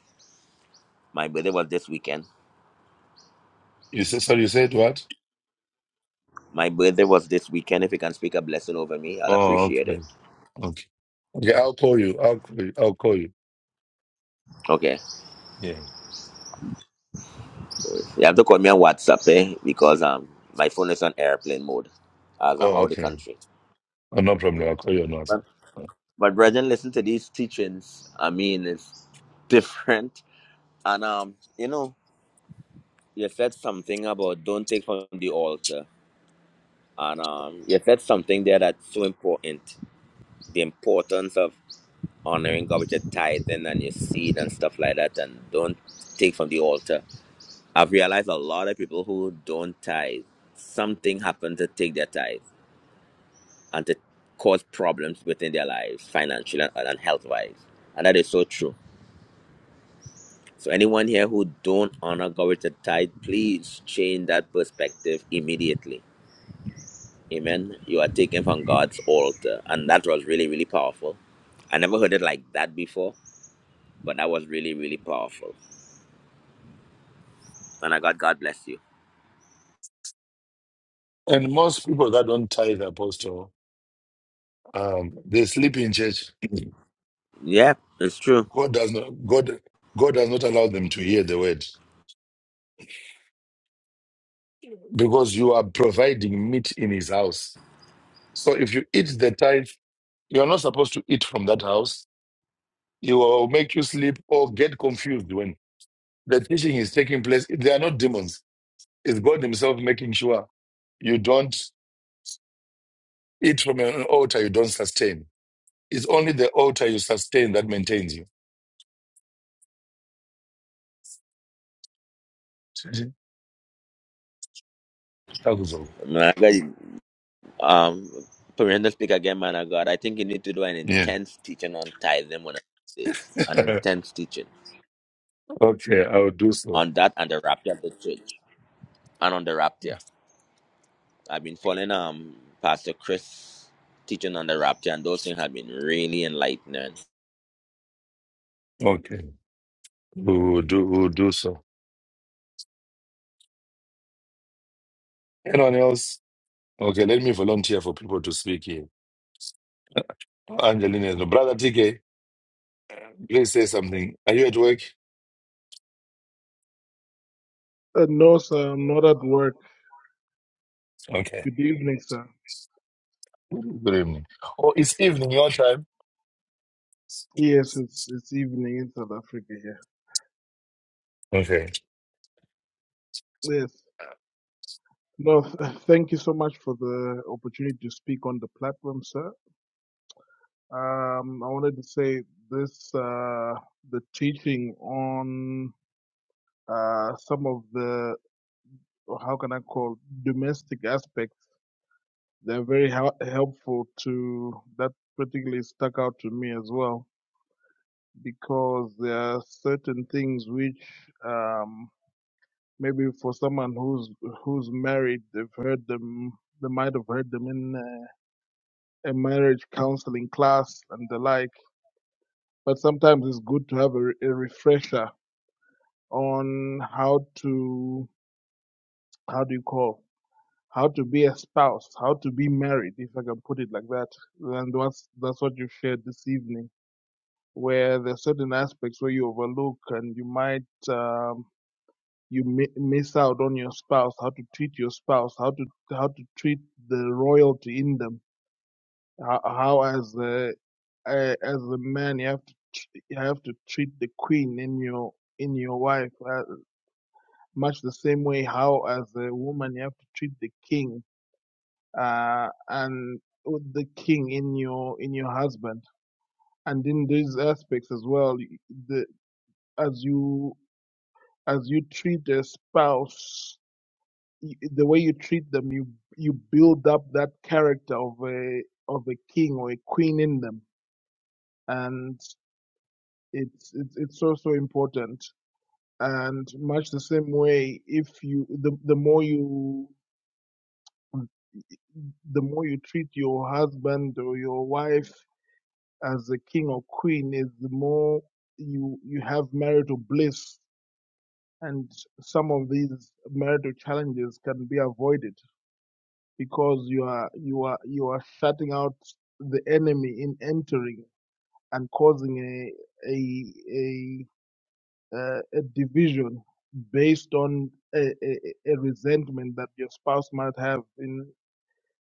My birthday was this weekend. You said, sorry, you said what? My birthday was this weekend. If you can speak a blessing over me, I'll Oh, appreciate it. okay. Okay. Okay, I'll call you. I'll call you. I'll call you. Okay. Yeah. You have to call me on WhatsApp, eh? Because um, my phone is on airplane mode as I'm Oh, out of the okay. country. Oh, no problem. Yeah. I'll call you on WhatsApp. But brethren, listen to these teachings. I mean, it's different. And um, you know, you said something about don't take from the altar. And um, you said something there that's so important. The importance of honoring God with your tithing and your seed and stuff like that and don't take from the altar. I've realized a lot of people who don't tithe, something happened to take their tithe and to cause problems within their lives, financially and, and health wise. And that is so true So anyone here who don't honor God with a tithe, please change that perspective immediately. Amen. You are taken from God's altar. And that was really, really powerful. I never heard it like that before, but that was really, really powerful. And I got God bless you. And most people that don't tithe, Apostle, um, they sleep in church. Yeah, it's true. God does not. God. God does not allow them to hear the word because you are providing meat in His house. So if you eat the tithe, you are not supposed to eat from that house. It will make you sleep or get confused when the teaching is taking place. They are not demons. It's God Himself making sure you don't eat from an altar you don't sustain. It's only the altar you sustain that maintains you. Man, of God, um Perenda speak again, man of God. I think you need to do an Yeah. intense teaching on tithing one of these days. An intense teaching. okay, I will do so. On that and the rapture of the church. And on the rapture. I've been following um Pastor Chris teaching on the rapture, and those things have been really enlightening. Okay, we will do, we will do so. Anyone else? Okay, let me volunteer for people to speak here. Angelina, no. brother TK, please say something. Are you at work? Uh, no, sir, I'm not at work. Okay. Good evening, sir. Good evening. Oh, it's evening, your time. Yes, it's it's evening in South Africa here. Okay. Yes. No, th- thank you so much for the opportunity to speak on the platform, sir. Um, I wanted to say this uh, the teaching on uh, some of the or how can I call domestic aspects. They're very hel- helpful to that particularly stuck out to me as well because there are certain things which. um, Maybe for someone who's who's married, they've heard them. They might have heard them in uh, a marriage counseling class and the like. But sometimes it's good to have a, re- a refresher on how to how do you call how to be a spouse, how to be married, if I can put it like that. And that's that's what you shared this evening, where there's certain aspects where you overlook and you might. Um, you mi- miss out on your spouse, how to treat your spouse, how to how to treat the royalty in them. How, how as a, a as a man you have to tr- you have to treat the queen in your in your wife uh, much the same way how as a woman you have to treat the king uh, and with the king in your in your husband. And in these aspects as well, y- the as you as you treat a spouse y- the way you treat them, you you build up that character of a of a king or a queen in them, and it's it's it's so so important. And much the same way, if you the the more you the more you treat your husband or your wife as a king or queen, is the more you you have marital bliss, and some of these marital challenges can be avoided. because you are you are you are shutting out the enemy in entering and causing a a a, uh, a division based on a, a, a resentment that your spouse might have in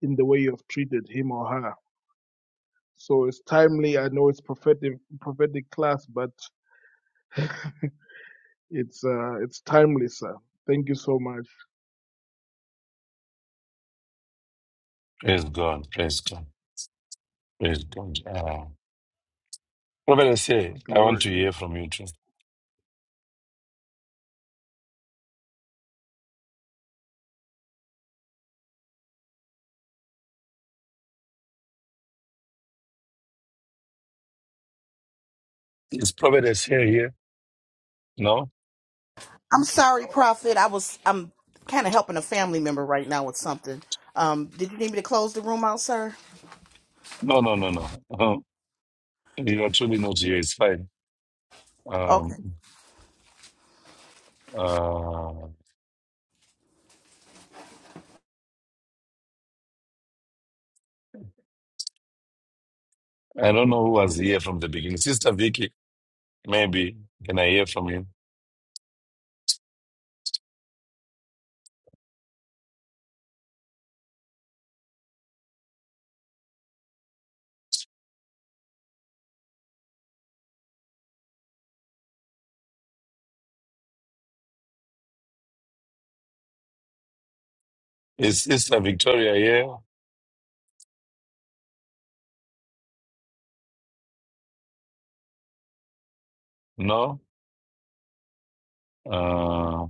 in the way you have treated him or her. So it's timely. I know it's prophetic prophetic class, but it's uh, it's timely, sir. Thank you so much. Praise God. Praise God. Praise God. Uh, Providence here. I Glory. want to hear from you too. Is Providence here here? No? I'm sorry, Prophet. I was I'm kind of helping a family member right now with something. Um, did you need me to close the room out, sir? No, no, no, no. Uh, You are truly not here. It's fine. Okay. Um, uh, I don't know who was here from the beginning. Sister Vicky, maybe. Can I hear from you? Is Sister Victoria here? No? Uh,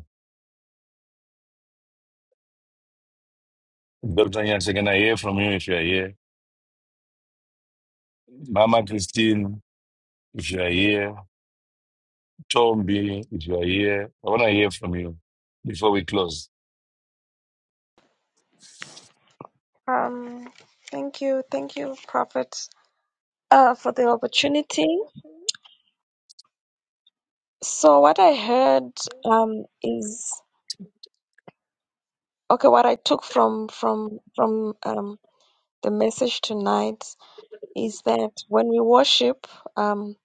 Dr. Nyanse, can I hear from you if you are here? Mama Christine, if you are here. Tombi, if you are here. I want to hear from you before we close. Um, thank you, thank you, Prophet, uh, for the opportunity. So what I heard um is okay. What I took from from from um the message tonight is that when we worship, um,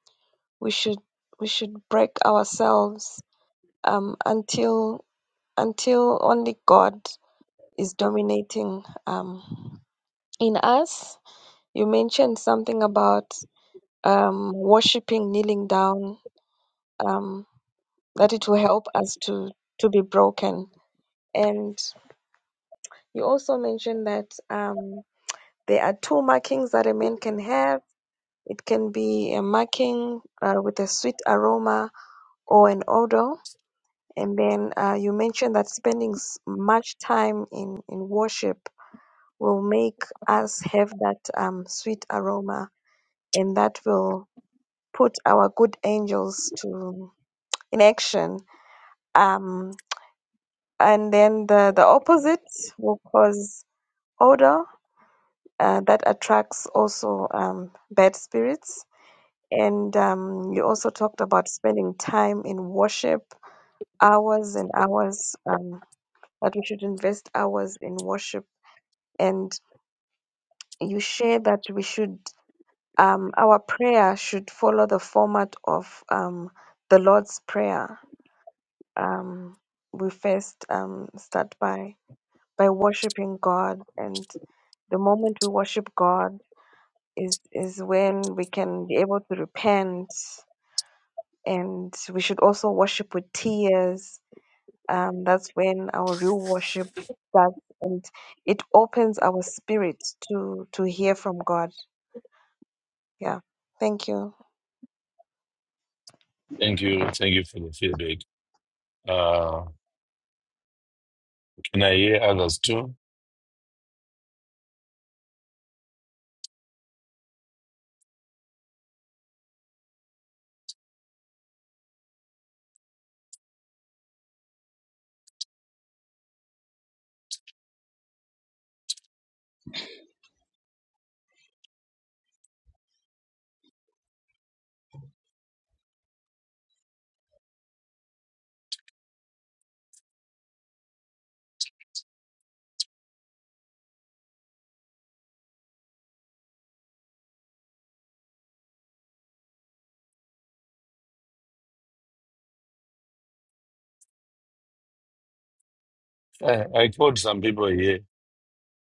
we should we should break ourselves um until until only God is dominating um in us. You mentioned something about um worshiping, kneeling down. um. that it will help us to to be broken. And you also mentioned that um, there are two markings that a man can have. It can be a marking uh, with a sweet aroma or an odor. And then uh, you mentioned that spending s- much time in, in worship will make us have that um, sweet aroma, and that will put our good angels to in action. Um, and then the, the opposite will cause odor uh, that attracts also um, bad spirits. And um, you also talked about spending time in worship, hours and hours, um, that we should invest hours in worship. And you share that we should, um, our prayer should follow the format of um, the Lord's Prayer. Um, we first um, start by by worshiping God, and the moment we worship God, is is when we can be able to repent and we should also worship with tears um, that's when our real worship starts and it opens our spirits to to hear from god yeah thank you Thank you. Thank you for the feedback. Uh, can I hear others too? I, I called some people here.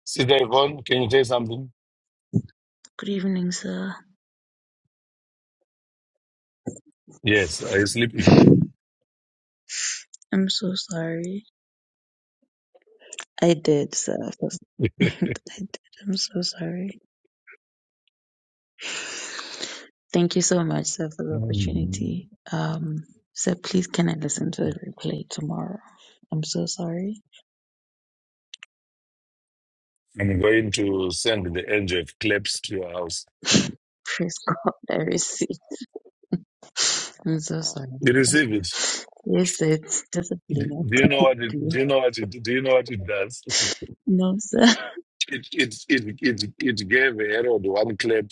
Sister Yvonne, can you say something? Good evening, sir. Yes. Are you sleeping? I'm so sorry. I did, sir. I did. I'm so sorry. Thank you so much, sir, for the Mm. opportunity. Um, sir, please can I listen to the replay tomorrow? I'm so sorry. I'm going to send the angel of claps to your house. Praise God, I receive. I'm so sorry. You receive it. Yes, sir, it's discipline. Do What do you know what to it do? do you know what it do you know what it does? No, sir. It it it it, it gave Herod one clap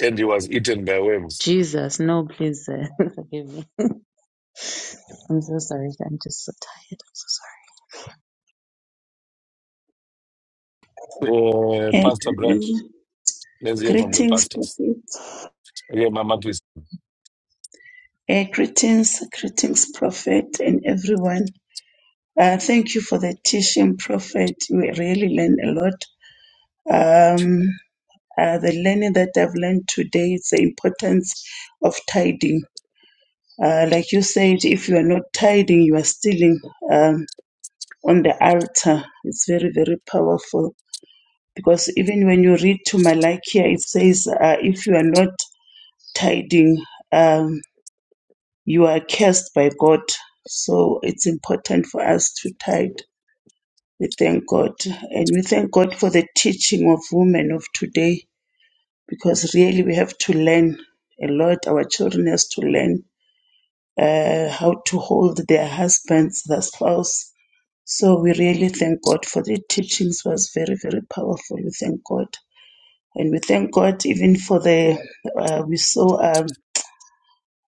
and he was eaten by worms. Jesus, no, please, sir. Forgive me. I'm so sorry. I'm just so tired. I'm so sorry. Uh, Uh, Pastor Brad, let's hear from the greetings, pastors. Prophet. Okay, Mama, please. Uh, greetings, greetings, Prophet, and everyone. Uh, thank you for the teaching, Prophet. We really learn a lot. Um, uh, the learning that I've learned today is the importance of tithing. Uh, like you said, if you are not tithing, you are stealing um, on the altar. It's very, very powerful because even when you read to Malachi, it says, uh, if you are not tithing, um, You are cursed by God. So it's important for us to tithe. We thank God. And we thank God for the teaching of women of today because really we have to learn a lot. Our children has to learn uh, how to hold their husbands, their spouse. So we really thank God for the teachings It was very, very powerful. We thank God. And we thank God even for the, uh, we saw um,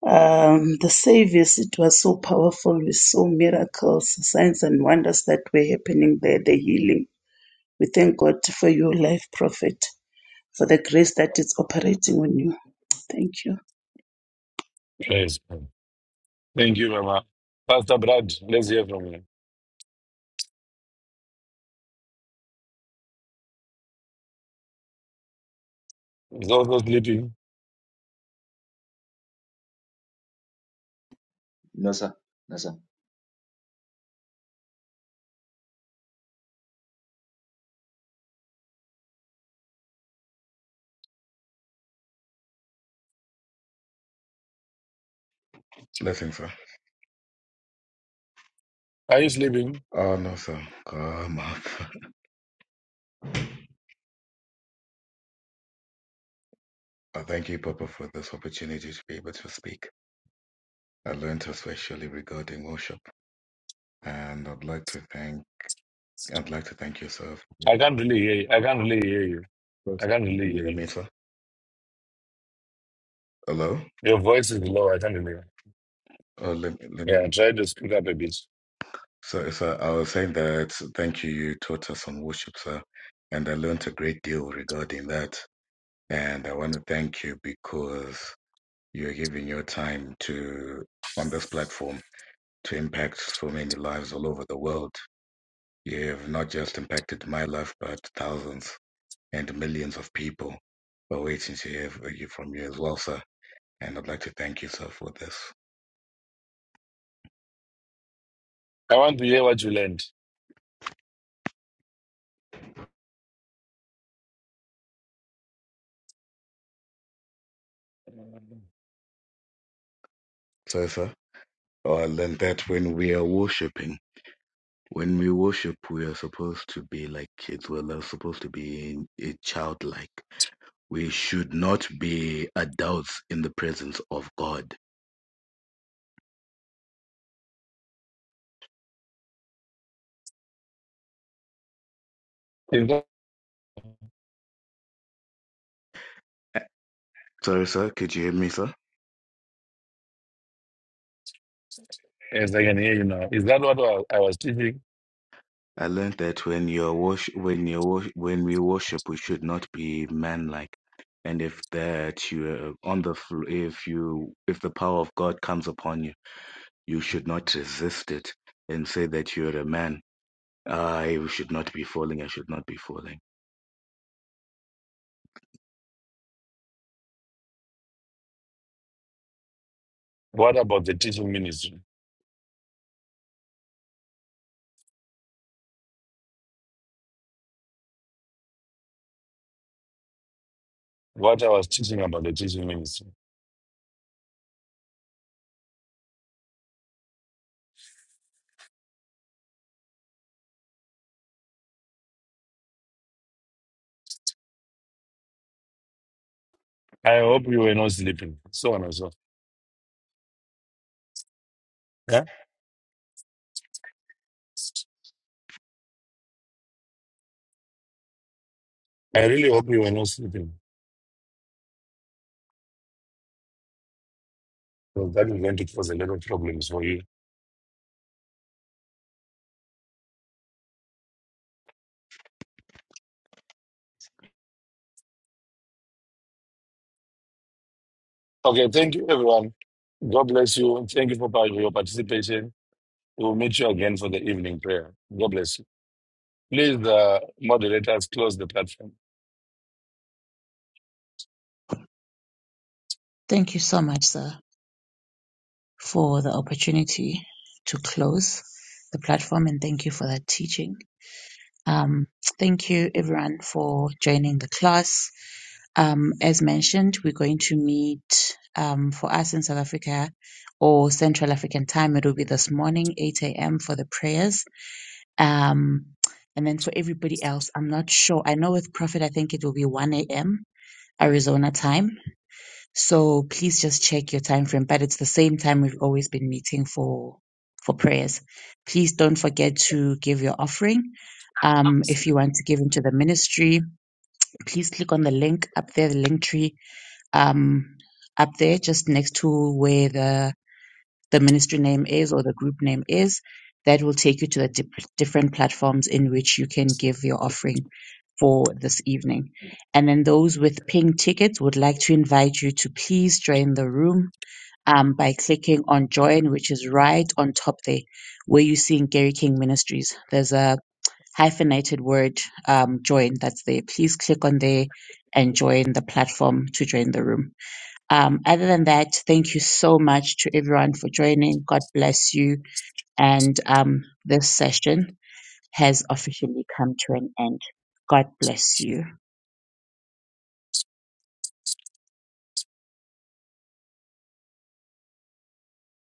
Um, the service, it was so powerful. We saw miracles, signs, and wonders that were happening there, the healing. We thank God for your life, Prophet, for the grace that is operating on you. Thank you. Praise. Thank you, Mama. Pastor Brad, let's hear from you. He's also sleeping. No, sir. No, sir. Blessing, sir. Are you sleeping? Oh, no, sir. Come up. I thank you, Papa, for this opportunity to be able to speak. I learned especially regarding worship, and I'd like to thank I'd like to thank you, sir. For your I can't really hear you. I can't really hear you. I can't really Can you hear hear you. me, sir? Hello. Your voice is low. I can't really hear. Oh, let, me- let me. Yeah, try to speak up a bit. So, sir, I was saying that thank you. You taught us on worship, sir, and I learned a great deal regarding that. And I want to thank you because you're giving your time to on this platform to impact so many lives all over the world You have not just impacted my life, but thousands and millions of people are waiting to hear f- you- from you as well, sir. And I'd like to thank you, sir, for this. I want to hear what you learned. So, sir, well, I learned that when we are worshiping, when we worship, we are supposed to be like kids. We're not supposed to be in- eh, childlike. We should not be adults in the presence of God. Is that, Eh, Sorry, sir. Could you hear me, sir? yes, I can hear you now. Is that what I I was teaching? I learned that when you're worsh- when you worsh- when we worship, we should not be manlike. And if that you are on the fl- if you if the power of God comes upon you, you should not resist it and say that you're a man. I should not be falling. I should not be falling. What about the teaching ministry? What I was teaching about the teaching ministry? I hope you were not sleeping. So on and so. Yeah? I really hope you were not sleeping. Because that is going to cause a lot of problems for you. Okay, thank you, everyone. God bless you. Thank you for part- your participation. We will meet you again for the evening prayer. God bless you. Please, the moderators, close the platform. Thank you so much, sir, for the opportunity to close the platform, and thank you for that teaching. Um, thank you everyone for joining the class. Um, as mentioned, we're going to meet um, for us in South Africa or Central African time. It will be this morning, 8 a.m. for the prayers. Um, and then for everybody else, I'm not sure. I know with Prophet, I think it will be 1 a.m. Arizona time. So please just check your time frame. But it's the same time we've always been meeting for for prayers. Please don't forget to give your offering. Um, if you want to give into the ministry, please click on the link up there, the link tree um, up there, just next to where the the ministry name is or the group name is. That will take you to the dip- different platforms in which you can give your offering for this evening. And then those with pink tickets would like to invite you to please join the room um, by clicking on join, which is right on top there where you see in Gary King Ministries. There's a hyphenated word um, join that's there. Please click on there and join the platform to join the room. Um, other than that, thank you so much to everyone for joining. God bless you. And um, this session has officially come to an end. God bless you.